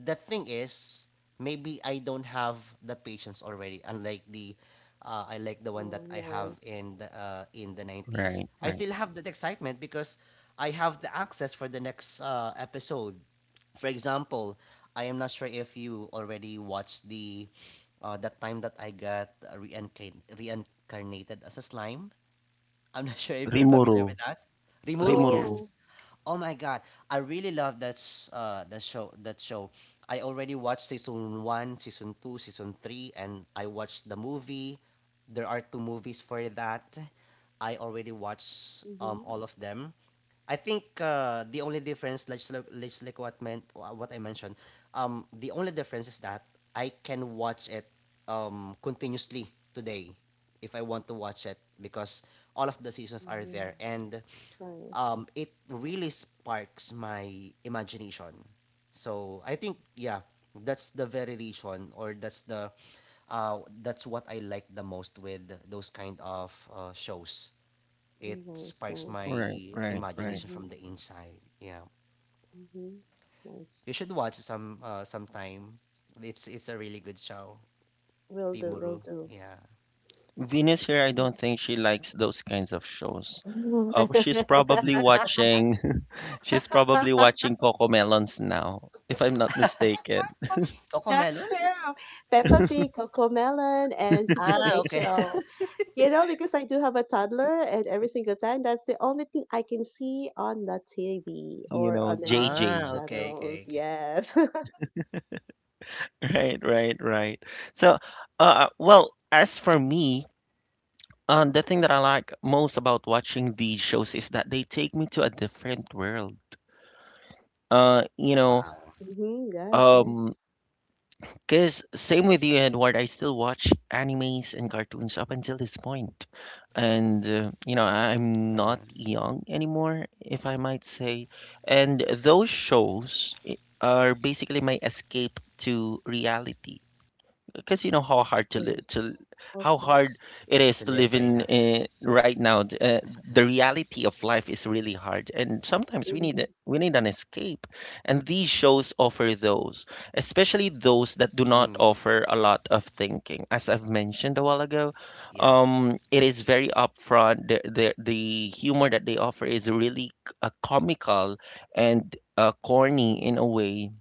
[SPEAKER 3] The thing is, maybe I don't have the patience already. Unlike I like the one that
[SPEAKER 2] Mm,
[SPEAKER 3] I have
[SPEAKER 2] yes.
[SPEAKER 3] in the
[SPEAKER 1] Right,
[SPEAKER 3] nineties. I
[SPEAKER 1] right.
[SPEAKER 3] still have that excitement because I have the access for the next episode. For example, I am not sure if you already watched the that time that I got reincarnated as a slime. I'm not sure if you're
[SPEAKER 1] Rimuru.
[SPEAKER 3] familiar with that. Rimuru,
[SPEAKER 1] Rimuru.
[SPEAKER 2] Oh.
[SPEAKER 3] yes. Oh my god, I really love that show. I already watched season 1, season 2, season 3, and I watched the movie. There are two movies for that. I already watched
[SPEAKER 2] Mm-hmm.
[SPEAKER 3] all of them. I think the only difference, let's look, let's like what meant wha- what I mentioned. The only difference is that I can watch it continuously today if I want to watch it because all of the seasons are
[SPEAKER 2] Mm-hmm.
[SPEAKER 3] there. And
[SPEAKER 2] Nice.
[SPEAKER 3] it really sparks my imagination. So I think yeah, that's the very reason, or that's the that's what I like the most with those kind of shows.
[SPEAKER 2] Mm,
[SPEAKER 3] It
[SPEAKER 2] nice.
[SPEAKER 3] sparks
[SPEAKER 2] Nice.
[SPEAKER 1] Right,
[SPEAKER 3] my
[SPEAKER 1] right, right.
[SPEAKER 3] imagination from
[SPEAKER 2] Mm-hmm.
[SPEAKER 3] the inside. Yeah,
[SPEAKER 2] Mm-hmm. Nice.
[SPEAKER 3] you should watch sometime. It's a really good show,
[SPEAKER 2] Will do.
[SPEAKER 3] Rimuru.
[SPEAKER 2] Will
[SPEAKER 3] Yeah,
[SPEAKER 1] Venus here, I
[SPEAKER 2] do.
[SPEAKER 1] don't think she likes those kinds of shows.
[SPEAKER 2] Mm.
[SPEAKER 1] She's probably watching she's probably watching Coco Melons now, if I'm not mistaken.
[SPEAKER 3] Coco
[SPEAKER 2] That's
[SPEAKER 3] Melon.
[SPEAKER 2] true. Peppa Pig, Coco Melon, and Teacher
[SPEAKER 3] Ah, okay.
[SPEAKER 2] Rachel. You know, because I do have a toddler, and every single time, that's the only thing I can see on the TV
[SPEAKER 1] You
[SPEAKER 2] or
[SPEAKER 1] know,
[SPEAKER 2] on the
[SPEAKER 1] J
[SPEAKER 2] YouTube
[SPEAKER 1] J.
[SPEAKER 3] Okay,
[SPEAKER 2] channels.
[SPEAKER 3] okay, okay.
[SPEAKER 2] Yes. Hmm.
[SPEAKER 1] Right, right, right. So, well, as for me, the thing that I like most about watching these shows is that they take me to a different world. You know,
[SPEAKER 3] Wow,
[SPEAKER 2] Yes, yes,
[SPEAKER 1] Um, because same with you, Edward, I still watch animes and cartoons up until this point. And, you know, I'm not
[SPEAKER 3] uh,
[SPEAKER 1] young anymore, if I might say. And those shows are basically my escape to reality because you know
[SPEAKER 2] yes. Of
[SPEAKER 1] how hard
[SPEAKER 2] course.
[SPEAKER 1] it is to
[SPEAKER 3] to
[SPEAKER 1] live
[SPEAKER 3] live right
[SPEAKER 1] in
[SPEAKER 3] now.
[SPEAKER 1] uh, the reality of life is really hard and sometimes we need
[SPEAKER 2] Hmm.
[SPEAKER 1] we need an escape and these shows offer those, especially those that do not
[SPEAKER 3] Mm,
[SPEAKER 1] offer a lot of thinking, as I've mentioned a while ago.
[SPEAKER 3] yes.
[SPEAKER 1] It is very upfront. The humor that they offer is really comical and corny in a way,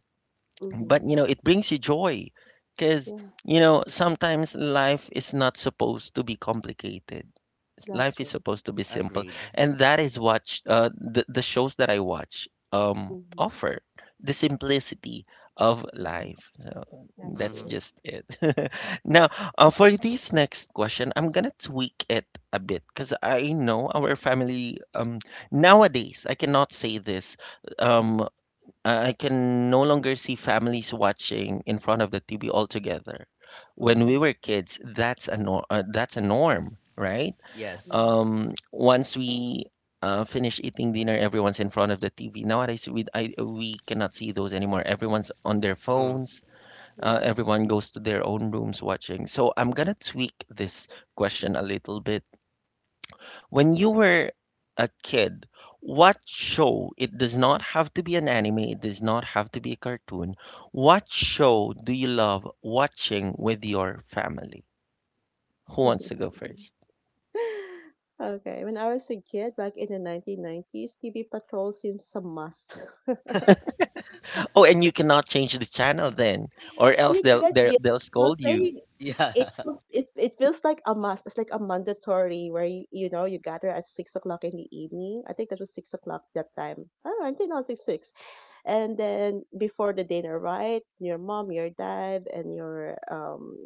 [SPEAKER 1] but
[SPEAKER 2] Hmm.
[SPEAKER 1] you know it brings you joy because
[SPEAKER 2] Yeah,
[SPEAKER 1] you know sometimes life is not supposed to be complicated.
[SPEAKER 2] that's
[SPEAKER 1] Life is
[SPEAKER 2] true.
[SPEAKER 1] supposed to be simple,
[SPEAKER 3] Agreed.
[SPEAKER 1] and that is what the shows that I watch
[SPEAKER 2] Hmm.
[SPEAKER 1] offer. The simplicity of
[SPEAKER 2] Hmm.
[SPEAKER 1] life, so
[SPEAKER 2] That's
[SPEAKER 1] that's
[SPEAKER 2] true.
[SPEAKER 3] Mm-hmm.
[SPEAKER 1] just it. Now, for this next question I'm gonna tweak it a bit because I know our family, nowadays I cannot say this. um I can no longer see families watching in front of the TV altogether. When we
[SPEAKER 2] Hmm.
[SPEAKER 1] were kids, that's a nor that's a norm, right?
[SPEAKER 3] Yes.
[SPEAKER 2] Yes.
[SPEAKER 1] Once we finish eating dinner, everyone's in front of the TV. Nowadays, we cannot see those anymore. Everyone's on their
[SPEAKER 3] Mm-hmm.
[SPEAKER 1] phones.
[SPEAKER 2] Yeah.
[SPEAKER 1] Everyone goes to their own rooms watching. So I'm gonna tweak this question a little bit. When you were a kid, what show, it does not have to be an anime, it does not have to be a cartoon. What show do you love watching with your family? Who wants to go first?
[SPEAKER 2] Okay, when I was a kid back in the 1990s, TV Patrol seems a must.
[SPEAKER 1] Oh, and you cannot change the channel then, or else
[SPEAKER 2] You
[SPEAKER 1] they'll
[SPEAKER 2] cannot,
[SPEAKER 1] they'll,
[SPEAKER 2] yes,
[SPEAKER 1] they'll
[SPEAKER 2] I was
[SPEAKER 1] scold you.
[SPEAKER 2] saying
[SPEAKER 3] Yeah.
[SPEAKER 2] it feels like a must. It's like a mandatory where you gather at 6 o'clock in the evening. I think that was 6 o'clock that time. Oh, I think not six. And then before the dinner, right? Your mom, your dad, and your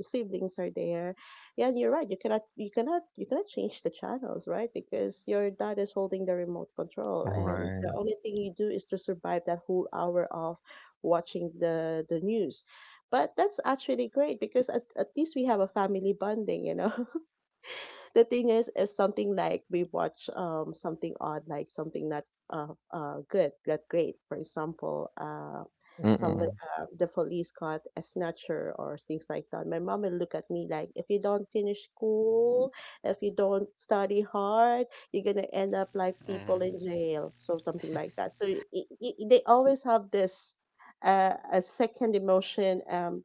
[SPEAKER 2] siblings are there. Yeah, and you're right. You cannot change the channels, right? Because your dad is holding the remote control, and the
[SPEAKER 1] Right.
[SPEAKER 2] only thing you do is to survive that whole hour of watching the news. But that's actually great because at least we have a family bonding. The thing is, if something like we watch something odd, like something not uh, good, not great, for example, some,
[SPEAKER 1] Mm-mm.
[SPEAKER 2] the police caught a snatcher or things like that, my mom will look at me like, if you don't finish school, if you don't study hard, you're gonna end up like people
[SPEAKER 3] Mm-hmm.
[SPEAKER 2] in jail, so something like that. So they always have this a second emotion,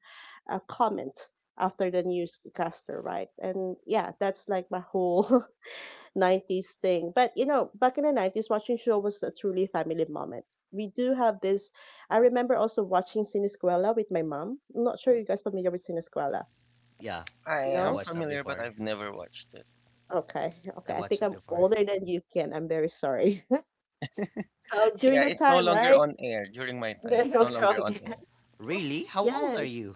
[SPEAKER 2] a comment after the newscaster, right? And yeah, that's like my whole 90s thing. But you know, back in the 90s, watching show was a truly family moment. We do have this. I remember also watching Sinisquela with my mom. I'm not sure you guys familiar with Sinisquela.
[SPEAKER 3] Yeah.
[SPEAKER 1] I
[SPEAKER 3] I
[SPEAKER 1] am
[SPEAKER 2] No?
[SPEAKER 3] watched that
[SPEAKER 1] familiar, but
[SPEAKER 3] before.
[SPEAKER 1] I've never watched it.
[SPEAKER 2] Okay.
[SPEAKER 3] I
[SPEAKER 2] Okay. I think
[SPEAKER 3] watched it
[SPEAKER 2] I'm
[SPEAKER 3] before.
[SPEAKER 2] older than you, Ken. I'm very sorry. So
[SPEAKER 1] Yeah,
[SPEAKER 2] during the
[SPEAKER 1] it's no
[SPEAKER 2] time,
[SPEAKER 1] longer
[SPEAKER 2] right?
[SPEAKER 1] on air during my time.
[SPEAKER 2] There's
[SPEAKER 1] It's no
[SPEAKER 2] no
[SPEAKER 1] longer
[SPEAKER 2] wrong.
[SPEAKER 1] on air.
[SPEAKER 3] Really? How old are
[SPEAKER 2] Yes.
[SPEAKER 3] you?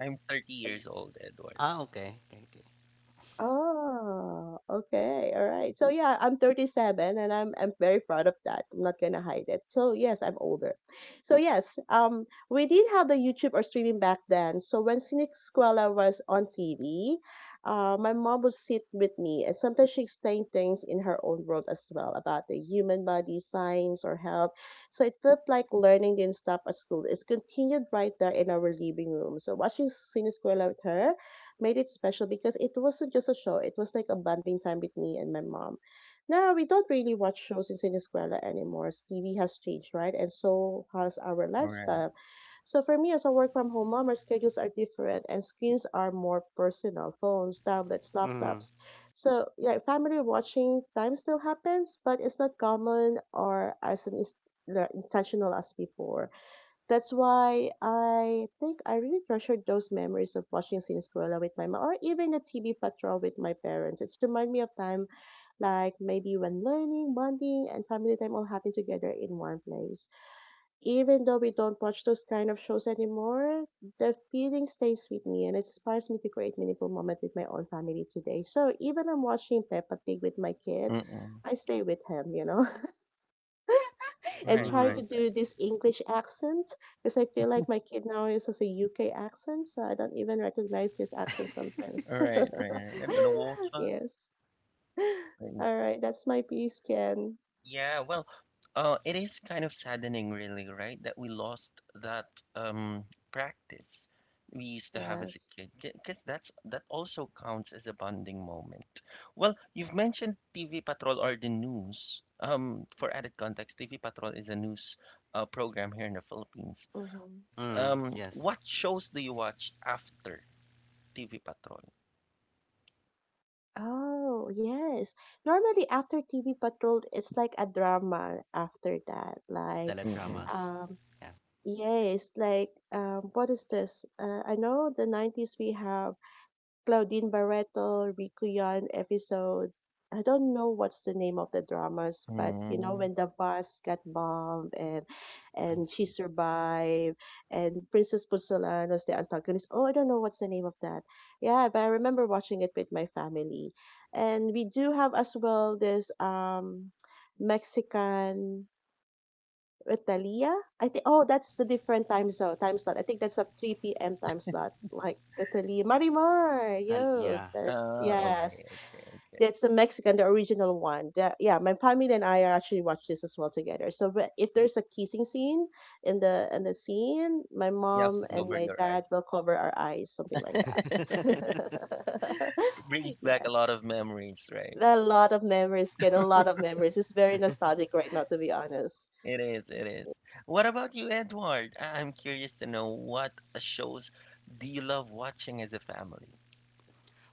[SPEAKER 1] I'm 30 years old, Edward.
[SPEAKER 3] Ah, okay. Okay, okay.
[SPEAKER 2] Oh, okay. All right. So yeah, I'm 37 and I'm very proud of that. I'm not gonna hide it. So yes, I'm older. So yes, we did have the YouTube or streaming back then. So when Cynic Squella was on TV, my mom would sit with me and sometimes she explained things in her own world as well about the human body, science or health. So it felt like learning didn't stop at school. It's continued right there in our living room. So watching Cynic Squella with her made it special because it wasn't just a show, it was like a bonding time with me and my mom. Now, we don't really watch shows in Sinisquela anymore. TV has changed, right? And so has our
[SPEAKER 1] Right.
[SPEAKER 2] lifestyle. So for me, as a work from home mom, our schedules are different and screens are more personal phones, tablets,
[SPEAKER 3] Mm-hmm.
[SPEAKER 2] laptops. So, yeah, family watching time still happens, but it's not common or as like, intentional as before. That's why I think I really treasured those memories of watching Siniscuela with my mom or even a TV patrol with my parents. It's remind me of time like maybe when learning, bonding, and family time all happen together in one place. Even though we don't watch those kind of shows anymore, the feeling stays with me and it inspires me to create meaningful moments with my own family today. So even I'm watching Peppa Pig with my kid,
[SPEAKER 1] Mm-mm.
[SPEAKER 2] I stay with him, you know. And
[SPEAKER 1] Right,
[SPEAKER 2] trying
[SPEAKER 3] Mm-hmm.
[SPEAKER 1] right.
[SPEAKER 2] to do this English accent because I feel like my kid now is has a UK accent, so I don't even recognize his accent sometimes.
[SPEAKER 1] Right, right, right. And the water.
[SPEAKER 2] Yes.
[SPEAKER 1] and-
[SPEAKER 2] All right, that's my piece, Ken.
[SPEAKER 1] Yeah, well, it is kind of saddening, really, right? That we lost that um practice we used to have as a
[SPEAKER 2] Yes.
[SPEAKER 1] kid, because that's that also counts as a bonding moment. Well, you've mentioned TV Patrol or the news. For added context, TV Patrol is a news program here in the Philippines.
[SPEAKER 2] Mm-hmm.
[SPEAKER 3] Mm, yes.
[SPEAKER 1] What shows do you watch after TV Patrol?
[SPEAKER 2] Oh, yes. Normally, after TV Patrol, it's like a drama after that. Like,
[SPEAKER 1] Mm-mm.
[SPEAKER 3] Teledramas.
[SPEAKER 2] um,
[SPEAKER 3] Yeah.
[SPEAKER 2] yes, like, what is this? I know the 90s we have Claudine Barreto, Rico Yon episode. I don't know what's the name of the dramas, but you know
[SPEAKER 1] Mm,
[SPEAKER 2] when the bus got bombed and
[SPEAKER 1] I
[SPEAKER 2] and she survived and Princess Pusulan was the antagonist. Oh, I don't know what's the name of that. Yeah, but I remember watching it with my family. And we do have as well this Mexican Italia? I think oh, that's the different time zone time slot. I think that's a 3 p.m. time slot. Like Italy, Marimar, yo,
[SPEAKER 3] Yeah.
[SPEAKER 2] there's
[SPEAKER 1] Ah,
[SPEAKER 3] Marimar.
[SPEAKER 1] okay,
[SPEAKER 2] yes,
[SPEAKER 1] okay, okay.
[SPEAKER 2] that's the Mexican, the original one. Yeah, my family and I are actually watch this as well together. So if there's a kissing scene in the scene, my
[SPEAKER 1] You have to
[SPEAKER 2] mom and
[SPEAKER 1] cover
[SPEAKER 3] Mm.
[SPEAKER 2] my
[SPEAKER 1] your
[SPEAKER 2] dad
[SPEAKER 1] eyes.
[SPEAKER 2] will cover our eyes, something like that.
[SPEAKER 1] Brings back a lot
[SPEAKER 2] Yes,
[SPEAKER 1] of memories, right?
[SPEAKER 2] a lot of memories, get a lot of memories. It's very nostalgic right now, to be honest.
[SPEAKER 1] It is, it is. What about you, Edward? I'm curious to know what shows do you love watching as a family?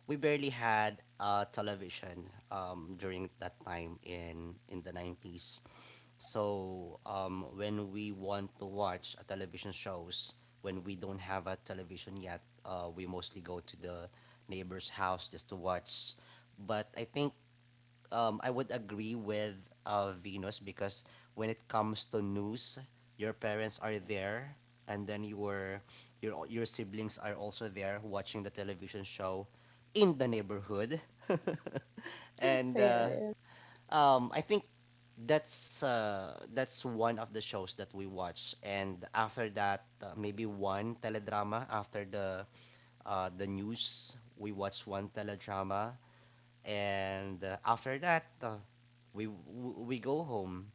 [SPEAKER 3] We barely had television during that time in the 90s. So when we want to watch a television shows, when we don't have a television yet, we mostly go to the neighbor's house just to watch. But I think I would agree with Venus because when it comes to news, your parents are there, and then your your siblings are also there watching the television show in the neighborhood.
[SPEAKER 2] Yeah,
[SPEAKER 3] and.
[SPEAKER 2] yeah.
[SPEAKER 3] I think that's one of the shows that we watch, and after that, maybe one teledrama after the news. We watch one teledrama, and after that, we go home.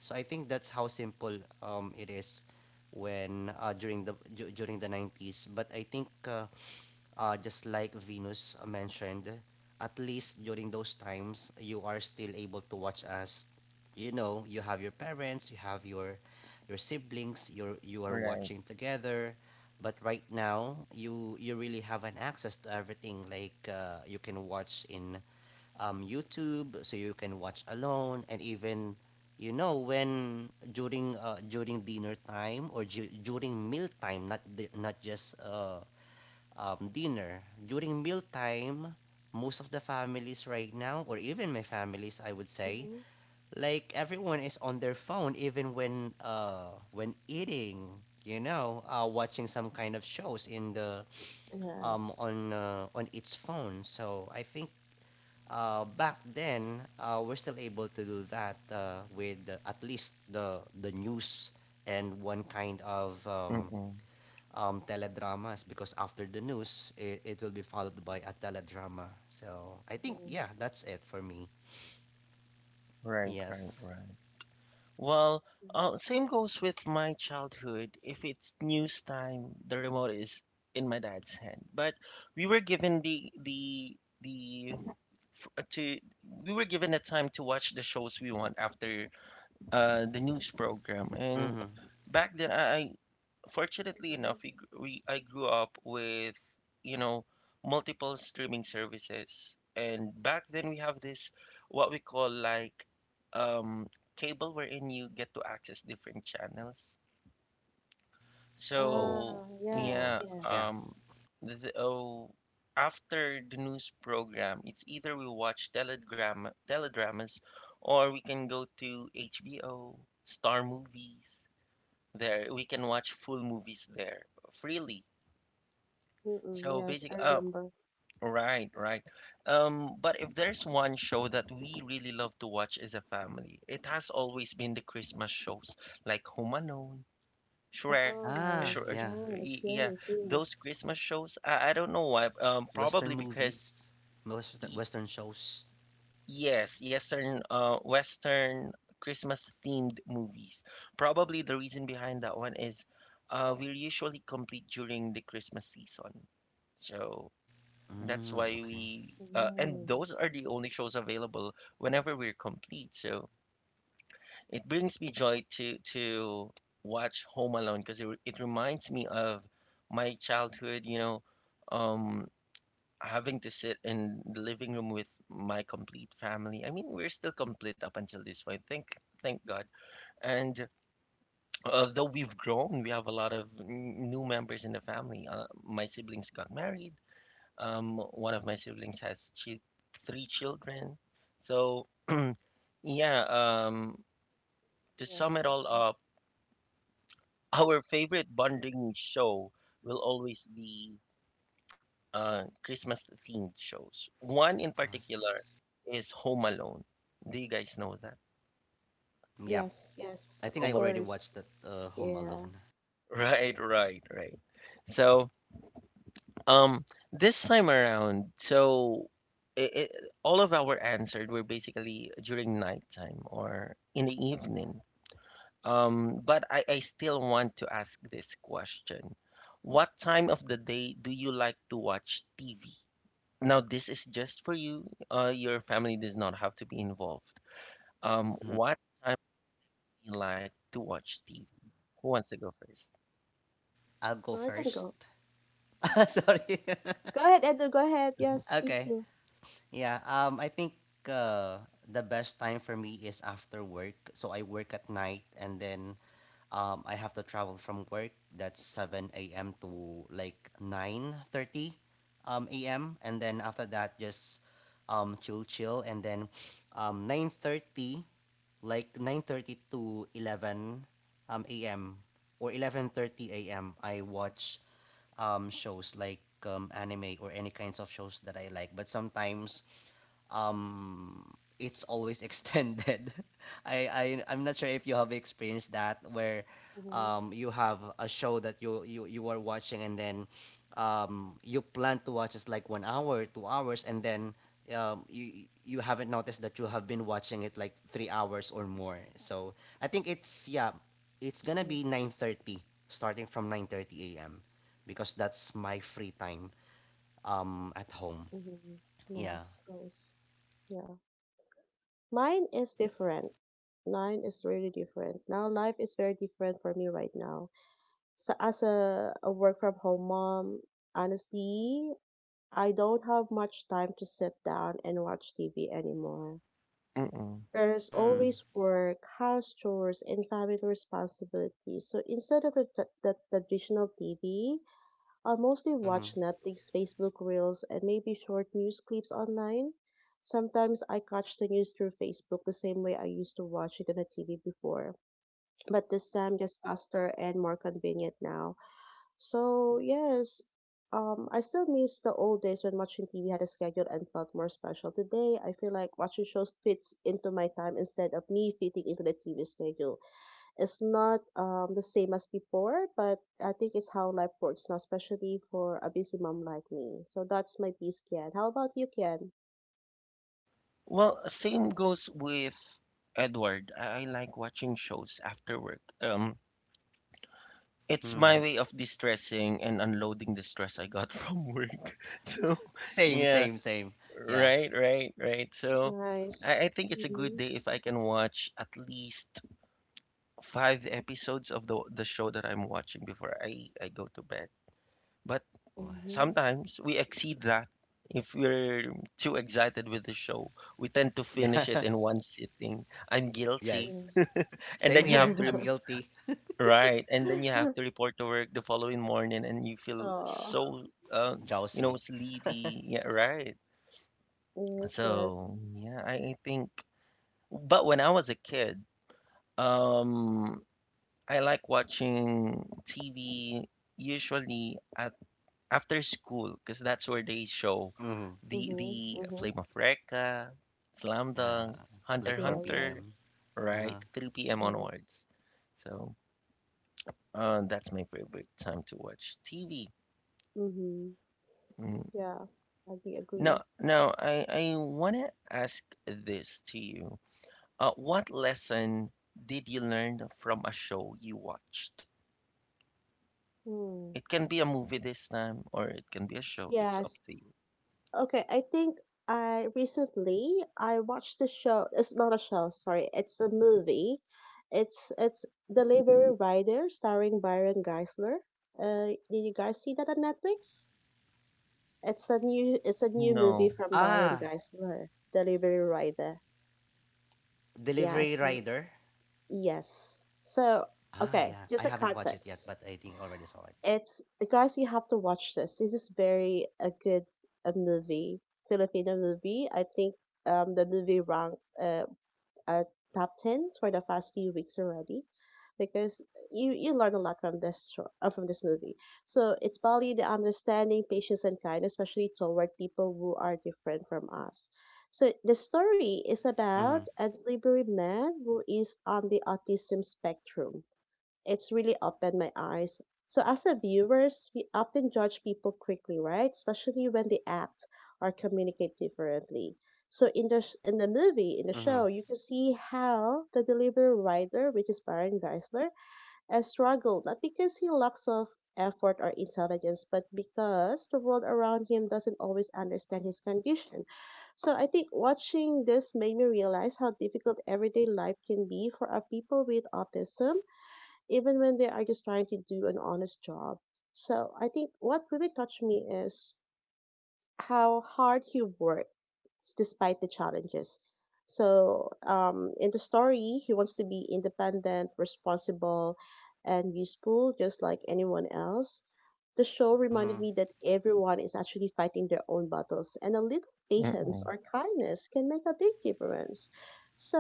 [SPEAKER 3] So I think that's how simple it is when during 90s. But I think just like Venus mentioned, at least during those times, you are still able to watch us. You know, you have your parents, you have your siblings, you are
[SPEAKER 1] Right.
[SPEAKER 3] watching together. But right now, you really have an access to everything. Like you can watch in YouTube, so you can watch alone, and even you know when during dinner time or ju- during meal time, not di- not just dinner. During mealtime, most of the families right now, or even my families, I would say,
[SPEAKER 2] Mhm.
[SPEAKER 3] like everyone is on their phone, even when eating. You know, watching some kind of shows in the
[SPEAKER 2] Yes.
[SPEAKER 3] on its phone. So I think back then we're still able to do that with at least the news and one kind of
[SPEAKER 1] Mm-mm.
[SPEAKER 3] teledramas because after the news, it will be followed by a teledrama. So I think,
[SPEAKER 2] Mhm.
[SPEAKER 3] yeah, that's it for me.
[SPEAKER 1] Right, right,
[SPEAKER 3] Yes.
[SPEAKER 1] right. Well,
[SPEAKER 2] Yes.
[SPEAKER 1] same goes with my childhood. If it's news time, the remote is in my dad's hand. But we were given the f- to we were given the time to watch the shows we want after the news program. And
[SPEAKER 3] Mm-hmm.
[SPEAKER 1] back then, fortunately
[SPEAKER 2] Mhm.
[SPEAKER 1] enough, we, gr- we I grew up with you know multiple streaming services. And back then, we have this what we call like um, cable, wherein you get to access different channels.
[SPEAKER 3] Oh,
[SPEAKER 1] So
[SPEAKER 2] Ah, yes,
[SPEAKER 3] cable.
[SPEAKER 1] yeah,
[SPEAKER 3] Yeah.
[SPEAKER 2] yes.
[SPEAKER 1] the, oh, after the news program, it's either we watch teledramas, or we can go to HBO, Star Movies. There, we can watch full movies there freely.
[SPEAKER 2] Mm-mm,
[SPEAKER 1] So
[SPEAKER 2] yes, I remember.
[SPEAKER 1] right, right. But if there's one show that we really love to watch as a family, it has always been the Christmas shows like Home Alone. Shrek,
[SPEAKER 2] Oh,
[SPEAKER 3] Ah,
[SPEAKER 2] nice,
[SPEAKER 1] Shrek,
[SPEAKER 3] yeah.
[SPEAKER 2] nice.
[SPEAKER 1] yeah,
[SPEAKER 2] Yes, yes.
[SPEAKER 1] those Christmas shows. I don't know why.
[SPEAKER 3] Western
[SPEAKER 1] Probably because
[SPEAKER 3] movies, most Western,
[SPEAKER 1] y-
[SPEAKER 3] Western shows.
[SPEAKER 1] yes, Western, Western Christmas themed movies. Probably the reason behind that one is, we're usually complete during the Christmas season, so that's
[SPEAKER 3] Mm,
[SPEAKER 1] why
[SPEAKER 3] okay.
[SPEAKER 1] we. And
[SPEAKER 2] Mm,
[SPEAKER 1] those are the only shows available whenever we're complete. So it brings me joy to watch Home Alone because it reminds me of my childhood, you know, um, having to sit in the living room with my complete family. I mean, we're still complete up until this point. Thank God. And although we've grown, we have a lot of new members in the family. My siblings got married. One of my siblings has three children. So yeah, to sum
[SPEAKER 2] yes,
[SPEAKER 1] it
[SPEAKER 2] that's
[SPEAKER 1] all up,
[SPEAKER 2] nice.
[SPEAKER 1] our favorite bonding show will always be Christmas themed shows. One in
[SPEAKER 3] Christmas.
[SPEAKER 1] particular is Home Alone. Do you guys know that?
[SPEAKER 3] Yeah.
[SPEAKER 2] Yes, yes,
[SPEAKER 3] I think
[SPEAKER 2] of
[SPEAKER 1] Home
[SPEAKER 3] I
[SPEAKER 1] Alone.
[SPEAKER 3] already
[SPEAKER 2] course.
[SPEAKER 3] watched that Home
[SPEAKER 2] Yeah.
[SPEAKER 3] Alone.
[SPEAKER 1] Right, right, right. So, um, this time around, so it, it, all of our answers were basically during nighttime or in the evening. But I still want to ask this question. What time of the day do you like to watch TV? Now, this is just for you. Your family does not have to be involved.
[SPEAKER 3] Mm.
[SPEAKER 1] What time do you like to watch TV? Who wants to go first?
[SPEAKER 3] I'll go
[SPEAKER 2] No, I can
[SPEAKER 3] first.
[SPEAKER 2] go.
[SPEAKER 3] Sorry.
[SPEAKER 2] Go ahead, Edna, go ahead. Yes, please
[SPEAKER 3] Okay.
[SPEAKER 2] do.
[SPEAKER 3] Yeah, I think uh, the best time for me is after work. So I work at night and then I have to travel from work. That's 7 a.m. to like 9:30 a.m. And then after that, just chill, chill. And then 9:30, like 9:30 to 11 a.m. or 11:30 a.m. I watch shows like anime or any kinds of shows that I like. But sometimes um it's always extended. I'm not sure if you have experienced that where
[SPEAKER 2] Mm-hmm.
[SPEAKER 3] you have a show that you are watching and then you plan to watch it's like 1 hour, 2 hours and then you haven't noticed that you have been watching it like 3 hours or more. So I think it's yeah, it's gonna be
[SPEAKER 2] Yes.
[SPEAKER 3] 9:30 starting from 9:30 AM because that's my free time at home.
[SPEAKER 2] Mm-hmm.
[SPEAKER 3] Yeah.
[SPEAKER 2] Nice, nice. Yeah. Mine is different. Mine is really different. Now, life is very different for me right now. So as a work from home mom, honestly, I don't have much time to sit down and watch TV anymore.
[SPEAKER 1] Mm-mm.
[SPEAKER 2] There's
[SPEAKER 3] Mm.
[SPEAKER 2] always work, house chores, and family responsibilities. So instead of the traditional TV, I mostly
[SPEAKER 3] Mm-hmm.
[SPEAKER 2] watch Netflix, Facebook Reels, and maybe short news clips online. Sometimes I catch the news through Facebook the same way I used to watch it on the TV before, but this
[SPEAKER 3] Mhm,
[SPEAKER 2] time just faster and more convenient now. So yes, I still miss the old days when watching TV had a schedule and felt more special. Today, I feel like watching shows fits into my time instead of me fitting into the TV schedule. It's not the same as before, but I think it's how life works now, especially for a busy mom like me. So that's my piece, Kian. How about you, Kian?
[SPEAKER 1] Well, same goes with Edward. I like watching shows after work. It's my
[SPEAKER 3] mhm.
[SPEAKER 1] way of distressing and unloading the stress I got from work. So,
[SPEAKER 3] Same,
[SPEAKER 1] yeah,
[SPEAKER 3] same, same. Yeah.
[SPEAKER 1] right, right, right. So,
[SPEAKER 2] Nice.
[SPEAKER 1] I think it's a good
[SPEAKER 2] Mhm.
[SPEAKER 1] day if I can watch at least five episodes of the show that I'm watching before I go to bed. But
[SPEAKER 3] Oh,
[SPEAKER 2] Mhm.
[SPEAKER 1] sometimes we exceed that. If we're too excited with the show, we tend to finish it
[SPEAKER 3] yeah.
[SPEAKER 1] in one sitting. I'm guilty.
[SPEAKER 3] Yes.
[SPEAKER 2] Yes.
[SPEAKER 1] And then
[SPEAKER 3] Same
[SPEAKER 1] you have
[SPEAKER 3] here.
[SPEAKER 1] to
[SPEAKER 3] I'm guilty.
[SPEAKER 1] right, and then you have to report to work the following morning and you feel
[SPEAKER 2] Oh.
[SPEAKER 1] so um, you know,
[SPEAKER 3] Drowsy.
[SPEAKER 1] sleepy. Yeah, right.
[SPEAKER 2] Yes. Yes.
[SPEAKER 1] So, yeah, I think but when I was a kid, um I like watching TV usually at after school because that's where they show
[SPEAKER 3] Hmm.
[SPEAKER 2] Mhm.
[SPEAKER 1] the Flame
[SPEAKER 2] Mhm.
[SPEAKER 1] of Recca, Slam
[SPEAKER 3] Yeah.
[SPEAKER 1] Dunk, Hunter
[SPEAKER 3] Like
[SPEAKER 1] x
[SPEAKER 2] Yeah.
[SPEAKER 3] 4
[SPEAKER 2] Yeah.
[SPEAKER 1] Hunter,
[SPEAKER 3] p.m.
[SPEAKER 1] right?
[SPEAKER 3] Uh-huh.
[SPEAKER 1] 3 p.m.
[SPEAKER 2] Yes.
[SPEAKER 1] onwards. So that's my favorite time to watch TV.
[SPEAKER 2] Mm-hmm.
[SPEAKER 1] Mm.
[SPEAKER 2] Yeah, I agree.
[SPEAKER 1] No,
[SPEAKER 2] Agree.
[SPEAKER 1] no, I wanna ask this to you. What lesson did you learn from a show you watched?
[SPEAKER 2] Hmm.
[SPEAKER 1] It can be a movie this time, or it can be a show. It's up
[SPEAKER 2] Yes.
[SPEAKER 1] to you.
[SPEAKER 2] Okay, I think I recently I watched the show. It's not a show, sorry. It's a movie. It's Delivery Rider starring Byron Geisler. Did you guys see that on Netflix? It's a new movie
[SPEAKER 1] No.
[SPEAKER 2] from Byron
[SPEAKER 3] Ah,
[SPEAKER 2] Geisler, Delivery Rider.
[SPEAKER 3] Delivery
[SPEAKER 2] Yes.
[SPEAKER 3] Rider.
[SPEAKER 2] Yes. So,
[SPEAKER 3] Ah,
[SPEAKER 2] okay,
[SPEAKER 3] yeah. I
[SPEAKER 2] just a
[SPEAKER 3] haven't watched it yet,
[SPEAKER 2] context.
[SPEAKER 3] but I think I already saw it.
[SPEAKER 2] It's, guys, you have to watch this. This is very a good, a movie, Filipino movie. I think the movie ranked at top 10 for the past few weeks already, because you learn a lot from this show, from this movie. So it's valued the understanding, patience, and kindness, especially toward people who are different from us. So the story is about
[SPEAKER 3] Mm-hmm.
[SPEAKER 2] a delivery man who is on the autism spectrum. It's really opened my eyes. So as a viewers, we often judge people quickly, right? Especially when they act or communicate differently. So in the movie, in the show,
[SPEAKER 3] Mm-hmm.
[SPEAKER 2] you can see how the delivery rider, which is Baron Geisler, has struggled not because he lacks of effort or intelligence, but because the world around him doesn't always understand his condition. So I think watching this made me realize how difficult everyday life can be for our people with autism even when they are just trying to do an honest job. So I think what really touched me is how hard he worked despite the challenges. So in the story, he wants to be independent, responsible, and useful, just like anyone else. The show
[SPEAKER 3] Mm-hmm.
[SPEAKER 2] reminded me that everyone is actually fighting their own battles, and a little patience
[SPEAKER 1] Mm-mm.
[SPEAKER 2] or kindness can make a big difference.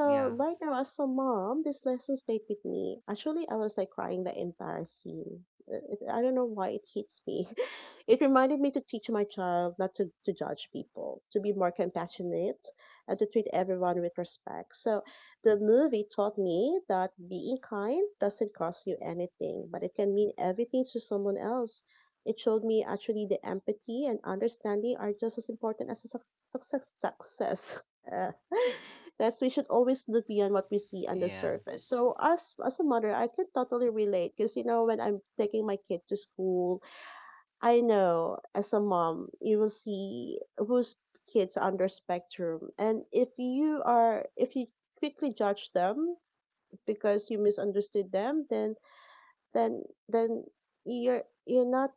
[SPEAKER 3] Yeah.
[SPEAKER 2] right now, as a mom, this lesson stayed with me. Actually, I was like crying the entire scene. I don't know why it hits me. It reminded me to teach my child not to judge people, to be more compassionate, and to treat everyone with respect. So the movie taught me that being kind doesn't cost you anything, but it can mean everything to someone else. It showed me actually the empathy and understanding are just as important as a success. That's We should always look beyond what we see on the
[SPEAKER 3] Yeah.
[SPEAKER 2] surface. So as a mother, I can totally relate because you know when I'm taking my kid to school I know as a mom, you will see whose kids are under spectrum. And if you quickly judge them because you misunderstood them, then, then you're not,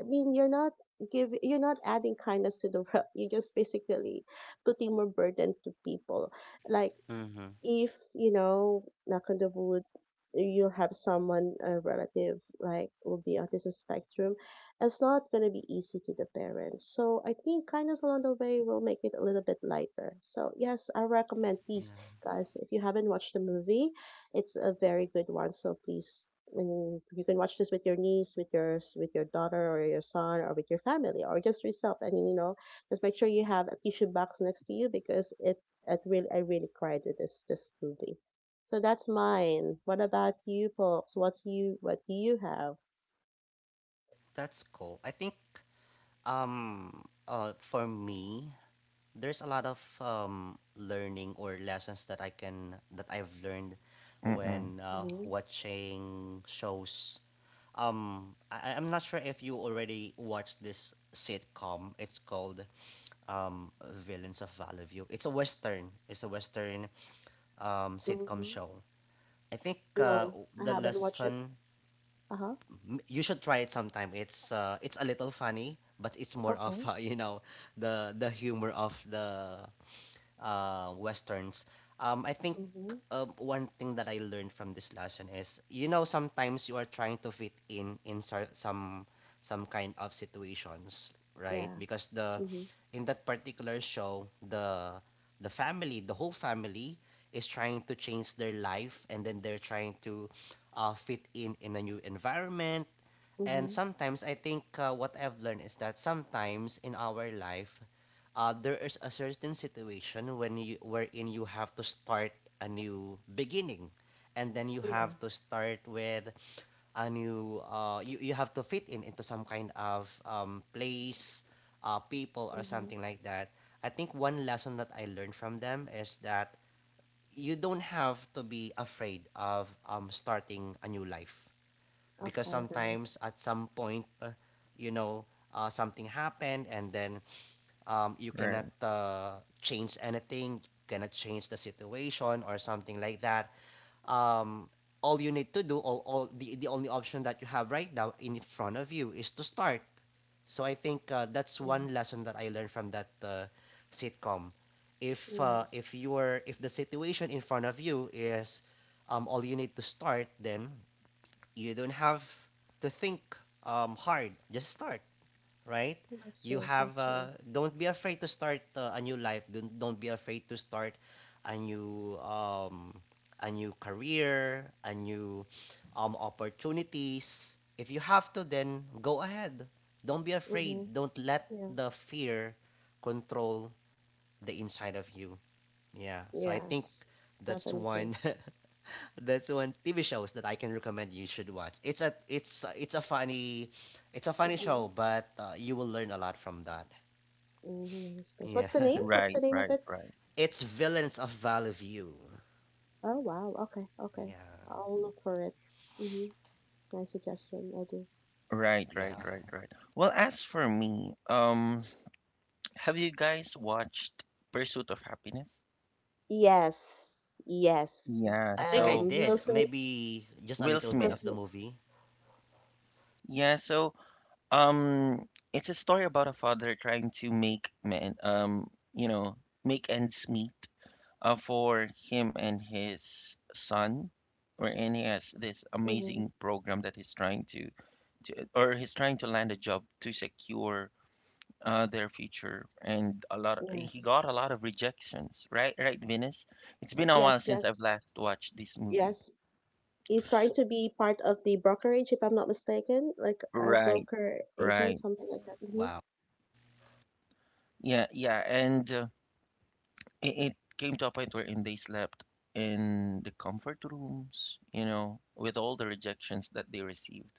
[SPEAKER 2] I mean, you're not give, you're not adding kindness to the world. You're just basically putting more burden to people like
[SPEAKER 3] Mm-hmm.
[SPEAKER 2] if you know, knock on the wood, you'll have someone a relative like will be autism spectrum. It's not going to be easy to the parents, so I think kindness along the way will make it a little bit lighter. So yes, I recommend, please,
[SPEAKER 3] Yeah.
[SPEAKER 2] guys, if you haven't watched the movie, it's a very good one, so please, when you can, watch this with your niece, with your daughter or your son or with your family or just yourself, and you know, just make sure you have a tissue box next to you because it really, I really cried with this movie. So that's mine. What about you, Pops? What do you have?
[SPEAKER 3] That's cool. I think um for me there's a lot of learning or lessons that I can that I've learned
[SPEAKER 1] Mm-mm.
[SPEAKER 3] when
[SPEAKER 2] Mm-hmm.
[SPEAKER 3] watching shows. Am not sure if you already watched this sitcom. It's called um, Villains of Valley View. It's a western. It's a western sitcom
[SPEAKER 2] Mm-hmm.
[SPEAKER 3] show. I think
[SPEAKER 2] No, I
[SPEAKER 3] the
[SPEAKER 2] haven't watched it.
[SPEAKER 3] lesson
[SPEAKER 2] Uh-huh.
[SPEAKER 3] you should try it sometime. It's a little funny, but it's more of
[SPEAKER 2] Okay.
[SPEAKER 3] you know the humor of the westerns. I think
[SPEAKER 2] Mm-hmm.
[SPEAKER 3] one thing that I learned from this lesson is you know sometimes you are trying to fit in some kind of situations, right?
[SPEAKER 2] Yeah.
[SPEAKER 3] Because the
[SPEAKER 2] Mm-hmm.
[SPEAKER 3] in that particular show the family, the whole family is trying to change their life and then they're trying to fit in a new environment. And
[SPEAKER 2] Mm-hmm.
[SPEAKER 3] sometimes I think what I've learned is that sometimes in our life, there is a certain situation when you wherein you have to start a new beginning, and then you
[SPEAKER 2] Yeah.
[SPEAKER 3] have to start with a new you have to fit in into some kind of place, people or
[SPEAKER 2] Mm-hmm.
[SPEAKER 3] something like that. I think one lesson that I learned from them is that you don't have to be afraid of starting a new life because
[SPEAKER 2] Okay,
[SPEAKER 3] sometimes
[SPEAKER 2] nice.
[SPEAKER 3] at some point, you know, something happened and then you cannot
[SPEAKER 1] Right.
[SPEAKER 3] change anything, cannot change the situation or something like that. Um, all you need to do, all the only option that you have right now in front of you is to start. So I think that's one
[SPEAKER 2] Yes.
[SPEAKER 3] lesson that I learned from that sitcom.
[SPEAKER 2] Nice.
[SPEAKER 3] If you're if the situation in front of you is all you need to start, then you don't have to think hard. Just start, right?
[SPEAKER 2] That's
[SPEAKER 3] You
[SPEAKER 2] true.
[SPEAKER 3] have
[SPEAKER 2] That's true.
[SPEAKER 3] don't be afraid to start a new life. Don't be afraid to start a new um, a new career, a new opportunities. If you have to, then go ahead. Don't be
[SPEAKER 2] Mm-hmm.
[SPEAKER 3] afraid. Don't let
[SPEAKER 2] Yeah.
[SPEAKER 3] the fear control the inside of you. Yeah. So I think
[SPEAKER 2] Yes.
[SPEAKER 3] that's
[SPEAKER 2] Definitely.
[SPEAKER 3] one That's one TV shows that I can recommend you should watch. It's it's a funny
[SPEAKER 2] Mm-hmm.
[SPEAKER 3] show, but you will learn a lot from that.
[SPEAKER 2] Mm-hmm. Nice, nice. What's
[SPEAKER 3] Yeah,
[SPEAKER 2] the name? What's
[SPEAKER 1] Right,
[SPEAKER 2] the name of
[SPEAKER 1] right,
[SPEAKER 2] it?
[SPEAKER 1] right.
[SPEAKER 3] it's Villains of Valley View.
[SPEAKER 2] Oh, wow. Okay. Okay.
[SPEAKER 3] Yeah,
[SPEAKER 2] I'll look for it. Mm-hmm. Nice suggestion. I do.
[SPEAKER 1] Right, right,
[SPEAKER 3] yeah.
[SPEAKER 1] right, right. Well, as for me, have you guys watched Pursuit of Happiness?
[SPEAKER 2] Yes, yes.
[SPEAKER 1] Yeah,
[SPEAKER 3] I think I
[SPEAKER 1] so
[SPEAKER 2] Will
[SPEAKER 3] did
[SPEAKER 2] Smith,
[SPEAKER 3] maybe just a
[SPEAKER 1] Will
[SPEAKER 3] little
[SPEAKER 2] Will
[SPEAKER 3] bit
[SPEAKER 1] Smith.
[SPEAKER 3] of the
[SPEAKER 2] Smith.
[SPEAKER 3] movie.
[SPEAKER 1] Yeah, so um it's a story about a father trying to make men you know, make ends meet for him and his son, wherein he has this
[SPEAKER 2] Mhm,
[SPEAKER 1] amazing program that he's trying to land a job to secure their future. And a lot he
[SPEAKER 2] yes,
[SPEAKER 1] got a lot of rejections, right, right Venus? It's been a while
[SPEAKER 2] yes,
[SPEAKER 1] since
[SPEAKER 2] yes,
[SPEAKER 1] I've last watched this movie.
[SPEAKER 2] yes. He's trying to be part of the brokerage, if I'm not mistaken, like a
[SPEAKER 1] Right,
[SPEAKER 2] broker agent,
[SPEAKER 1] right,
[SPEAKER 2] something like that. Mm-hmm.
[SPEAKER 3] Wow.
[SPEAKER 1] yeah, yeah. And it came to a point wherein they slept in the comfort rooms, you know, with all the rejections that they received.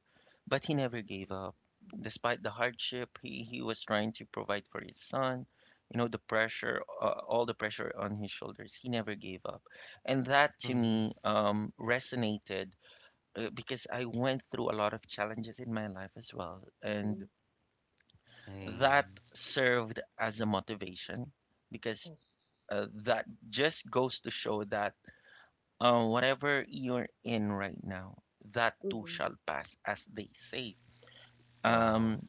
[SPEAKER 1] But he never gave up. Despite the hardship, he was trying to provide for his son, you know, the pressure, all the pressure on his shoulders. He never gave up. And that to
[SPEAKER 3] Mhm.
[SPEAKER 1] me resonated, because I went through a lot of challenges in my life as well. And
[SPEAKER 2] Mm-hmm.
[SPEAKER 3] Same.
[SPEAKER 1] that served as a motivation, because
[SPEAKER 2] Yes.
[SPEAKER 1] that just goes to show that whatever you're in right now, that too
[SPEAKER 2] Mm-hmm.
[SPEAKER 1] shall pass, as they say.
[SPEAKER 2] Yes.
[SPEAKER 3] Wow.
[SPEAKER 1] Um,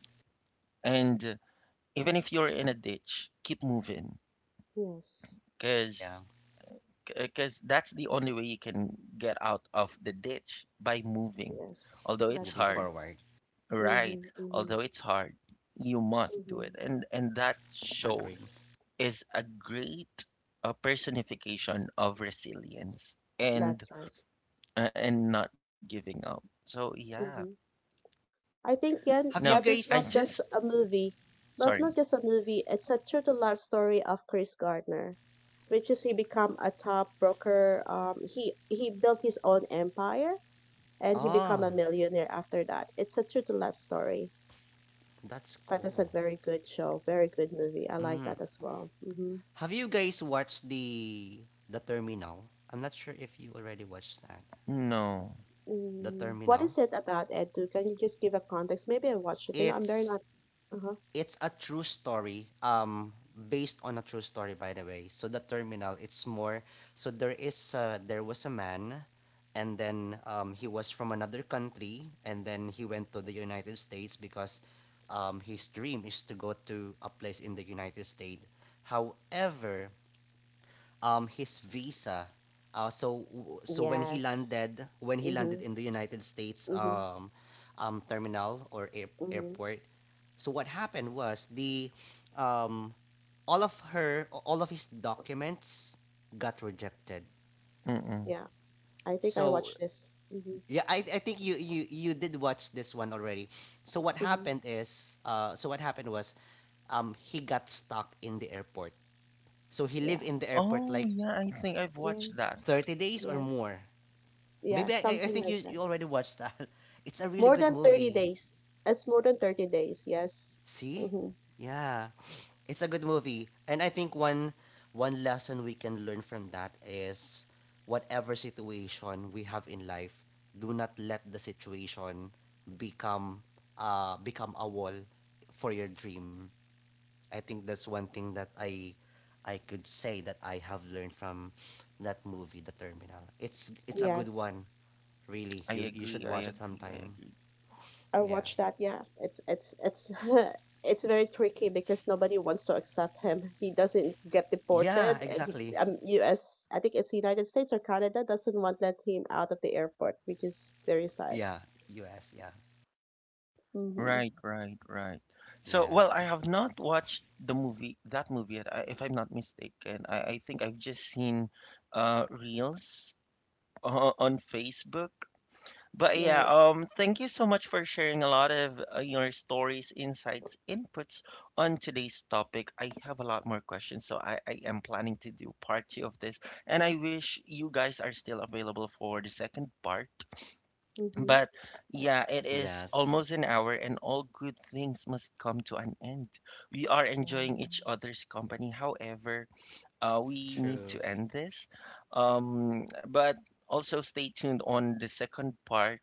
[SPEAKER 1] and even if you're in a ditch, keep moving,
[SPEAKER 2] Yes.
[SPEAKER 1] because
[SPEAKER 3] Yeah.
[SPEAKER 1] because that's the only way you can get out of the ditch, by moving.
[SPEAKER 2] Yes.
[SPEAKER 1] Although it's
[SPEAKER 2] That's
[SPEAKER 3] Moving
[SPEAKER 1] hard,
[SPEAKER 2] true.
[SPEAKER 3] forward.
[SPEAKER 1] right?
[SPEAKER 2] Mm-hmm. Mm-hmm.
[SPEAKER 1] Although it's hard, you must do it.
[SPEAKER 2] Mm-hmm.
[SPEAKER 1] And that show
[SPEAKER 3] Agreed.
[SPEAKER 1] is a great personification of resilience
[SPEAKER 2] That's right.
[SPEAKER 1] and not giving up. So yeah.
[SPEAKER 2] Mm-hmm. I
[SPEAKER 1] No,
[SPEAKER 2] think
[SPEAKER 1] I
[SPEAKER 2] Yen,
[SPEAKER 3] Have you
[SPEAKER 2] that
[SPEAKER 1] just
[SPEAKER 2] is not
[SPEAKER 3] guys?
[SPEAKER 2] just a movie,
[SPEAKER 1] sorry.
[SPEAKER 2] not just a movie. It's a true to life story of Chris Gardner, which is he become a top broker. He built his own empire and he become
[SPEAKER 3] Oh,
[SPEAKER 2] a millionaire after that. It's a true to life story,
[SPEAKER 3] that's
[SPEAKER 2] but it's a
[SPEAKER 3] cool.
[SPEAKER 2] very good show, very good movie. I like
[SPEAKER 3] Mm.
[SPEAKER 2] that as well. Mm-hmm.
[SPEAKER 3] Have you guys watched the Terminal? I'm not sure if you already watched that.
[SPEAKER 1] No.
[SPEAKER 3] The
[SPEAKER 2] Mm, what
[SPEAKER 3] Terminal.
[SPEAKER 2] is it about Edu? Can you just give a context? Maybe I watched it. You know, I'm very
[SPEAKER 3] It's
[SPEAKER 2] not. Uh huh.
[SPEAKER 3] it's a true story. Um, based on a true story, by the way. So the Terminal. It's more. So there is there was a man, and then he was from another country, and then he went to the United States because his dream is to go to a place in the United States. However, his visa. Uh, so so
[SPEAKER 2] Yes.
[SPEAKER 3] when he landed
[SPEAKER 2] Mhm.
[SPEAKER 3] in the United States
[SPEAKER 2] Mhm.
[SPEAKER 3] terminal or
[SPEAKER 2] Mhm.
[SPEAKER 3] airport, so what happened was the um, all of her all of his documents got rejected.
[SPEAKER 1] Mm-mm.
[SPEAKER 2] Yeah. I think I
[SPEAKER 3] So
[SPEAKER 2] watched this. Hmm.
[SPEAKER 3] yeah, I think you you did watch this one already. So what
[SPEAKER 2] Hmm.
[SPEAKER 3] happened is so what happened was he got stuck in the airport. So he lived
[SPEAKER 2] Yeah.
[SPEAKER 3] in the airport
[SPEAKER 1] Oh
[SPEAKER 3] like
[SPEAKER 1] yeah, I think I've watched
[SPEAKER 2] Yes.
[SPEAKER 1] that.
[SPEAKER 3] 30 days or
[SPEAKER 2] Yes.
[SPEAKER 3] more.
[SPEAKER 2] Yeah. Something
[SPEAKER 3] Think
[SPEAKER 2] like that.
[SPEAKER 3] you already watched that. It's a really
[SPEAKER 2] More
[SPEAKER 3] good
[SPEAKER 2] than 30
[SPEAKER 3] movie.
[SPEAKER 2] days. It's more than 30 days. Yes.
[SPEAKER 3] See?
[SPEAKER 2] Hmm.
[SPEAKER 3] Yeah, it's a good movie. And I think one lesson we can learn from that is whatever situation we have in life, do not let the situation become become a wall for your dream. I think that's one thing that I could say that I have learned from that movie, The Terminal. It's a good
[SPEAKER 2] Yes.
[SPEAKER 3] one, really.
[SPEAKER 1] I
[SPEAKER 3] You
[SPEAKER 1] agree.
[SPEAKER 3] should watch
[SPEAKER 1] I
[SPEAKER 3] it
[SPEAKER 1] agree. I
[SPEAKER 3] sometime.
[SPEAKER 1] agree.
[SPEAKER 2] I
[SPEAKER 3] Yeah.
[SPEAKER 2] watched that. Yeah. It's very tricky because nobody wants to accept him. He doesn't get
[SPEAKER 3] Yeah,
[SPEAKER 2] deported and he,
[SPEAKER 3] exactly.
[SPEAKER 2] US, I think it's United States or Canada doesn't want let him out of the airport, which is very sad.
[SPEAKER 3] Yeah, US, yeah.
[SPEAKER 2] Hmm.
[SPEAKER 1] Right. Right. Right.
[SPEAKER 3] Yeah.
[SPEAKER 1] So
[SPEAKER 3] Yeah.
[SPEAKER 1] well, I have not watched the movie that movie yet. If I'm not mistaken, I think I've just seen reels on Facebook. But yeah,
[SPEAKER 2] Yes.
[SPEAKER 1] thank you so much for sharing a lot of your stories, insights, inputs on today's topic. I have a lot more questions, so I am planning to do part two of this, and I wish you guys are still available for the second part.
[SPEAKER 2] Hmm.
[SPEAKER 1] But yeah, it is
[SPEAKER 3] Yes.
[SPEAKER 1] almost an hour, and all good things must come to an end. We are enjoying
[SPEAKER 2] Yeah.
[SPEAKER 1] each other's company. However, we need to
[SPEAKER 3] True.
[SPEAKER 1] end this. But also stay tuned on the second part.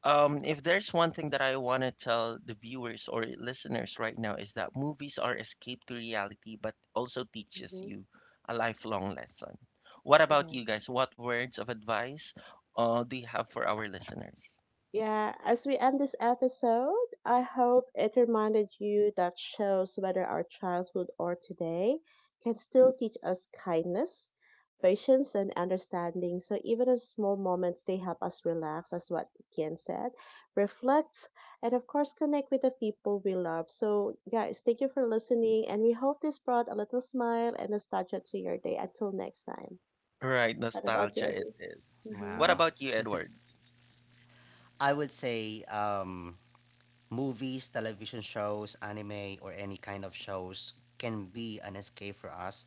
[SPEAKER 1] If there's one thing that I want to tell the viewers or listeners right now is that movies are escape to reality, but also teaches
[SPEAKER 2] Hmm.
[SPEAKER 1] you a lifelong lesson. What about you
[SPEAKER 2] Yes.
[SPEAKER 1] guys? What words of advice do you have for our listeners?
[SPEAKER 2] Yeah, as we end this episode, I hope it reminded you that shows whether our childhood or today can still teach us kindness, patience, and understanding. So even in small moments, they help us relax, as what Kian said, reflect, and of course, connect with the people we love. So, guys, thank you for listening, and we hope this brought a little smile and nostalgia to your day. Until next time.
[SPEAKER 1] Right,
[SPEAKER 2] What about you,
[SPEAKER 1] nostalgia it
[SPEAKER 2] Edu?
[SPEAKER 1] is. What
[SPEAKER 2] Mm-hmm.
[SPEAKER 3] Wow.
[SPEAKER 1] about you, Edward?
[SPEAKER 3] I would say movies, television shows, anime or any kind of shows can be an escape for us.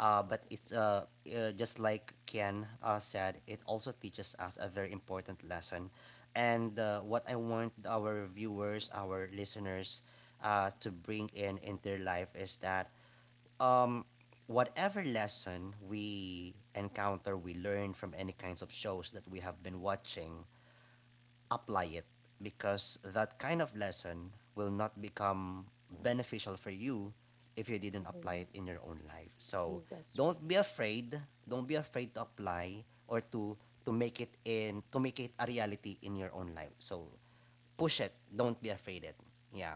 [SPEAKER 3] But it's just like Ken said, it also teaches us a very important lesson. And what I want our viewers, our listeners, to bring in their life is that um whatever lesson we encounter we learn from any kinds of shows that we have been watching, apply it, because that kind of lesson will not become beneficial for you if you didn't apply
[SPEAKER 2] Hmm.
[SPEAKER 3] it in your own life. So
[SPEAKER 2] Mm, that's true.
[SPEAKER 3] don't be afraid, don't be afraid to apply or to make it in to make it a reality in your own life. So push it, don't be afraid it. Yeah,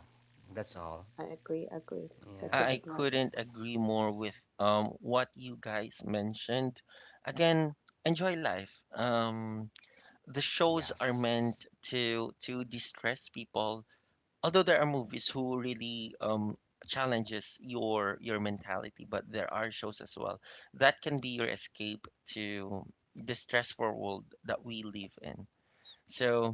[SPEAKER 3] that's all.
[SPEAKER 2] I agree, agree.
[SPEAKER 1] I
[SPEAKER 2] That's
[SPEAKER 3] Yeah,
[SPEAKER 2] a
[SPEAKER 1] I
[SPEAKER 2] good one.
[SPEAKER 1] couldn't agree more with what you guys mentioned. Again, enjoy life. The shows are meant
[SPEAKER 3] yes.
[SPEAKER 1] to distress people, although there are movies who really challenges your mentality, but there are shows as well that can be your escape to the stressful world that we live in. So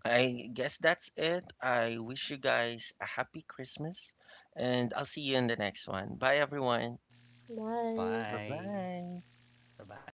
[SPEAKER 1] I guess that's it. I wish you guys a happy Christmas, and I'll see you in the next one. Bye everyone,
[SPEAKER 2] Bye.
[SPEAKER 1] bye
[SPEAKER 3] Bye.
[SPEAKER 1] bye.
[SPEAKER 3] 拜拜。